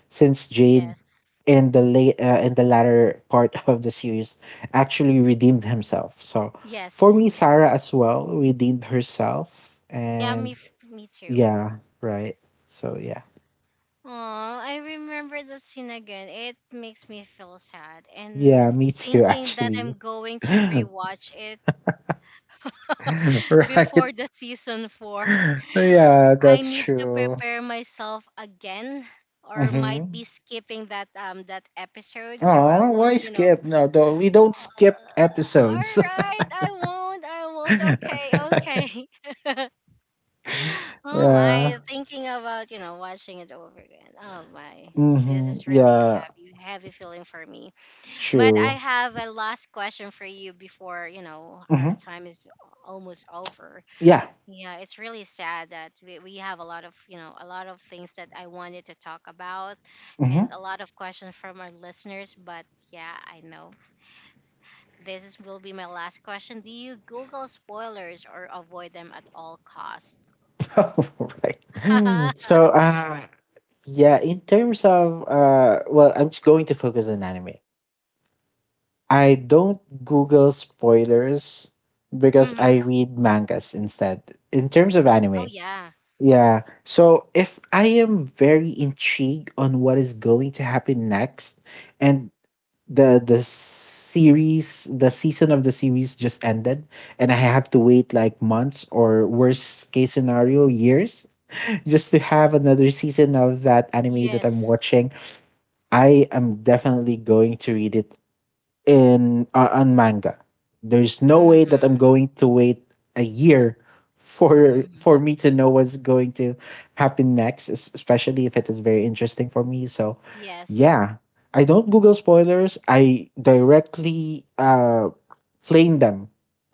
Speaker 2: since Jade
Speaker 1: Yes.
Speaker 2: in the late in the latter part [LAUGHS] of the series actually redeemed himself. So for
Speaker 1: Yes.
Speaker 2: me,
Speaker 1: Yes.
Speaker 2: Sarah as well redeemed herself,
Speaker 1: Yeah,
Speaker 2: and
Speaker 1: me too.
Speaker 2: yeah, right. So yeah,
Speaker 1: Oh, I remember the scene again. It makes me feel sad, and
Speaker 2: yeah, me too
Speaker 1: thinking that
Speaker 2: actually.
Speaker 1: I'm going
Speaker 2: [LAUGHS]
Speaker 1: to
Speaker 2: Right.
Speaker 1: rewatch it [LAUGHS] before the season 4. [LAUGHS]
Speaker 2: Yeah,
Speaker 1: I
Speaker 2: that's
Speaker 1: need to
Speaker 2: true.
Speaker 1: prepare myself again, or might
Speaker 2: Mm-hmm.
Speaker 1: be skipping that that episode so I
Speaker 2: Oh,
Speaker 1: won't,
Speaker 2: why
Speaker 1: you know.
Speaker 2: skip? No, don't, we don't
Speaker 1: Uh,
Speaker 2: skip
Speaker 1: all
Speaker 2: episodes.
Speaker 1: right, I won't. I
Speaker 2: [LAUGHS]
Speaker 1: won't. Okay,
Speaker 2: Yeah.
Speaker 1: okay. [LAUGHS] Oh my, thinking about, you know, watching it over again. Oh my. This
Speaker 2: Mm-hmm.
Speaker 1: is really a
Speaker 2: Yeah,
Speaker 1: heavy feeling for me. But I
Speaker 2: true.
Speaker 1: have a last question for you before, you know, our
Speaker 2: Mm-hmm.
Speaker 1: time is almost over.
Speaker 2: Yeah,
Speaker 1: Yeah, it's really sad that we have a lot of, you know, a lot of things that I wanted to talk about and
Speaker 2: mm-hmm.
Speaker 1: a lot of questions from our listeners, but yeah, I know. This will be my last question. Do you Google spoilers or avoid them at all costs?
Speaker 2: [LAUGHS] Right. Mm. So,
Speaker 1: [LAUGHS]
Speaker 2: yeah, in terms of, well, I'm just going to focus on anime. I don't Google spoilers because I
Speaker 1: Hmm.
Speaker 2: read mangas instead. In terms of
Speaker 1: Oh
Speaker 2: anime,
Speaker 1: yeah.
Speaker 2: yeah. So, if I am very intrigued on what is going to happen next, and the series, the season of the series just ended, and I have to wait like months or worst case scenario years just to have another season of that anime that I'm
Speaker 1: Yes.
Speaker 2: watching. I am definitely going to read it in on manga. There's no way that
Speaker 1: Mm-hmm.
Speaker 2: I'm going to wait a year
Speaker 1: Mm-hmm.
Speaker 2: for me to know what's going to happen next, especially if it is very interesting for me. So,
Speaker 1: Yes.
Speaker 2: yeah, I don't Google spoilers. I directly claim them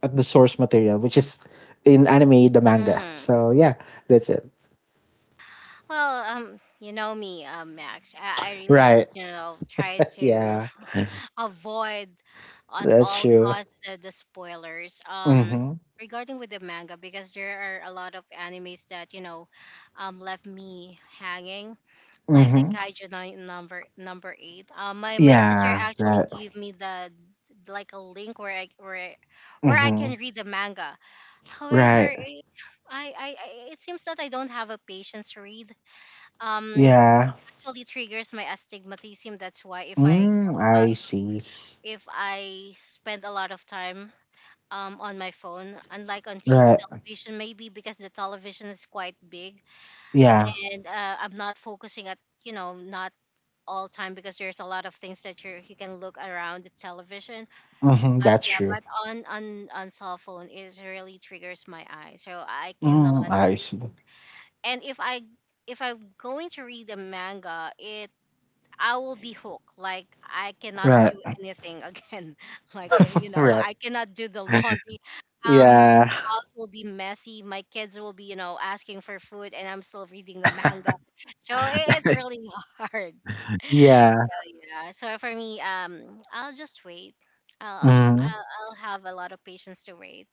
Speaker 2: at the source material, which is in anime the manga.
Speaker 1: Mm-hmm.
Speaker 2: So yeah, that's it.
Speaker 1: Well, you know me, Max. I really,
Speaker 2: Right.
Speaker 1: you know, try to
Speaker 2: Yeah,
Speaker 1: [LAUGHS] avoid at
Speaker 2: that's
Speaker 1: all
Speaker 2: true.
Speaker 1: costs the spoilers.
Speaker 2: Mhm.
Speaker 1: Regarding with the manga, because there are a lot of animes that, you know, left me hanging, like the
Speaker 2: Mhm.
Speaker 1: Kaiju number number eight. My sister
Speaker 2: Yeah.
Speaker 1: actually
Speaker 2: Right.
Speaker 1: gave me the, like a link where where I
Speaker 2: Mhm.
Speaker 1: can read the manga. However,
Speaker 2: Right.
Speaker 1: I- it seems that I don't have a patience to read, um
Speaker 2: Yeah.
Speaker 1: actually triggers my astigmatism. That's why, if I, you
Speaker 2: Mm,
Speaker 1: know,
Speaker 2: I see.
Speaker 1: if I spend a lot of time on my phone, unlike on
Speaker 2: Right.
Speaker 1: television, maybe because the television is quite big
Speaker 2: Yeah.
Speaker 1: and, I'm not focusing at, you know, not all time, because there's a lot of things that you can look around the television.
Speaker 2: Mhm.
Speaker 1: But
Speaker 2: That's
Speaker 1: yeah,
Speaker 2: true.
Speaker 1: but on cell phone it really triggers my eye, so I cannot
Speaker 2: Mm, I see.
Speaker 1: read. And if I, if I'm going to read a manga, it I will be hooked. Like, I cannot
Speaker 2: Right.
Speaker 1: do anything again. [LAUGHS] Like, I, you know,
Speaker 2: Right.
Speaker 1: I cannot do the laundry.
Speaker 2: Yeah.
Speaker 1: Our house will be messy. My kids will be, you know, asking for food, and I'm still reading the [LAUGHS] manga. So it is really [LAUGHS] hard.
Speaker 2: Yeah.
Speaker 1: So yeah. So for me, I'll just wait. I'll I'll
Speaker 2: Mhm.
Speaker 1: I'll I'll have a lot of patience to wait.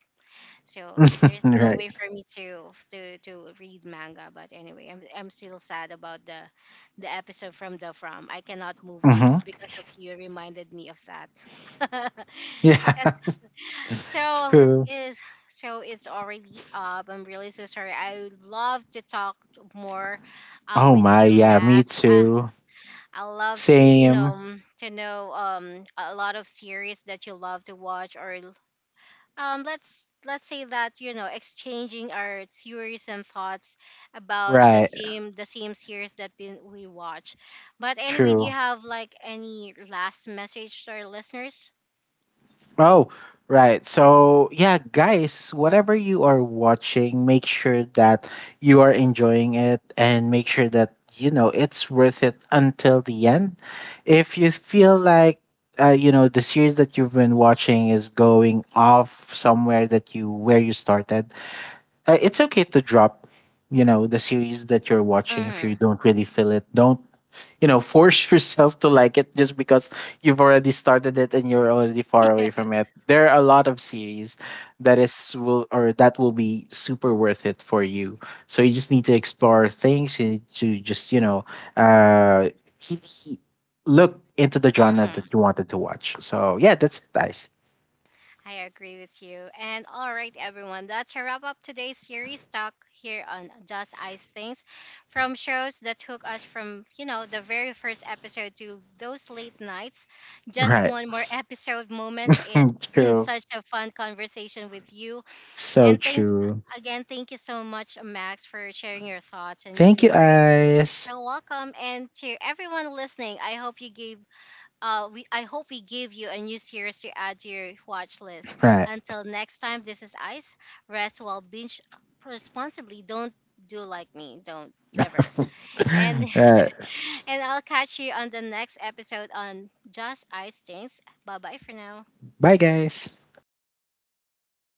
Speaker 1: So
Speaker 2: [LAUGHS]
Speaker 1: there's no
Speaker 2: Right.
Speaker 1: way for me to read manga. But anyway, I'm still sad about the episode from the from. I cannot move on.
Speaker 2: Mhm.
Speaker 1: It's because of you reminded me of that. [LAUGHS] Yes.
Speaker 2: Yeah. [LAUGHS]
Speaker 1: So
Speaker 2: True.
Speaker 1: is, so it's already up. I'm really so sorry. I would love to talk more,
Speaker 2: Oh
Speaker 1: with
Speaker 2: my.
Speaker 1: you,
Speaker 2: Yeah. Me
Speaker 1: Max.
Speaker 2: too.
Speaker 1: I love to, you know,
Speaker 2: Same.
Speaker 1: to know a lot of series that you love to watch, or let's say that, you know, exchanging our theories and thoughts about the
Speaker 2: Right.
Speaker 1: same the same series that we watch. But anyway, do you
Speaker 2: True.
Speaker 1: have like any last message to our listeners?
Speaker 2: Oh, right. So, yeah, guys, whatever you are watching, make sure that you are enjoying it and make sure that, you know, it's worth it until the end. If you feel
Speaker 1: Mm-hmm.
Speaker 2: like, you know, the series that you've been watching is going off somewhere that you, where you started, it's okay to drop, you know, the series that you're watching if
Speaker 1: Mm-hmm.
Speaker 2: you don't really feel it. Don't you know force [LAUGHS] yourself to like it just because you've already started it and you're already far away from
Speaker 1: [LAUGHS]
Speaker 2: it there are a lot of series that is will or that will be super worth it for you so you just need to explore things and to just you know uh he- he- look into the genre
Speaker 1: Yeah.
Speaker 2: that you wanted to watch so yeah that's nice
Speaker 1: I agree with you. And all right, everyone, that's a wrap up today's series talk here on Just Ice Things, from shows that took us from, you know, the very first episode to those late nights. Just
Speaker 2: right
Speaker 1: one more [LAUGHS] episode moments. It's
Speaker 2: [LAUGHS]
Speaker 1: been
Speaker 2: true
Speaker 1: such a fun conversation with you,
Speaker 2: so
Speaker 1: and thanks
Speaker 2: true
Speaker 1: again. Thank you so much, Max, for sharing your thoughts and your
Speaker 2: thank you
Speaker 1: favorites.
Speaker 2: guys
Speaker 1: You're welcome. And to everyone listening, I hope you gave we I hope we give you a new series to add to your watch list.
Speaker 2: right
Speaker 1: Until next time, this is Ice. Rest while binge responsibly. Don't do like me. Don't never. And
Speaker 2: [LAUGHS] right
Speaker 1: [LAUGHS] and I'll catch you on the next episode on Just Ice Things. Bye bye for now.
Speaker 2: bye guys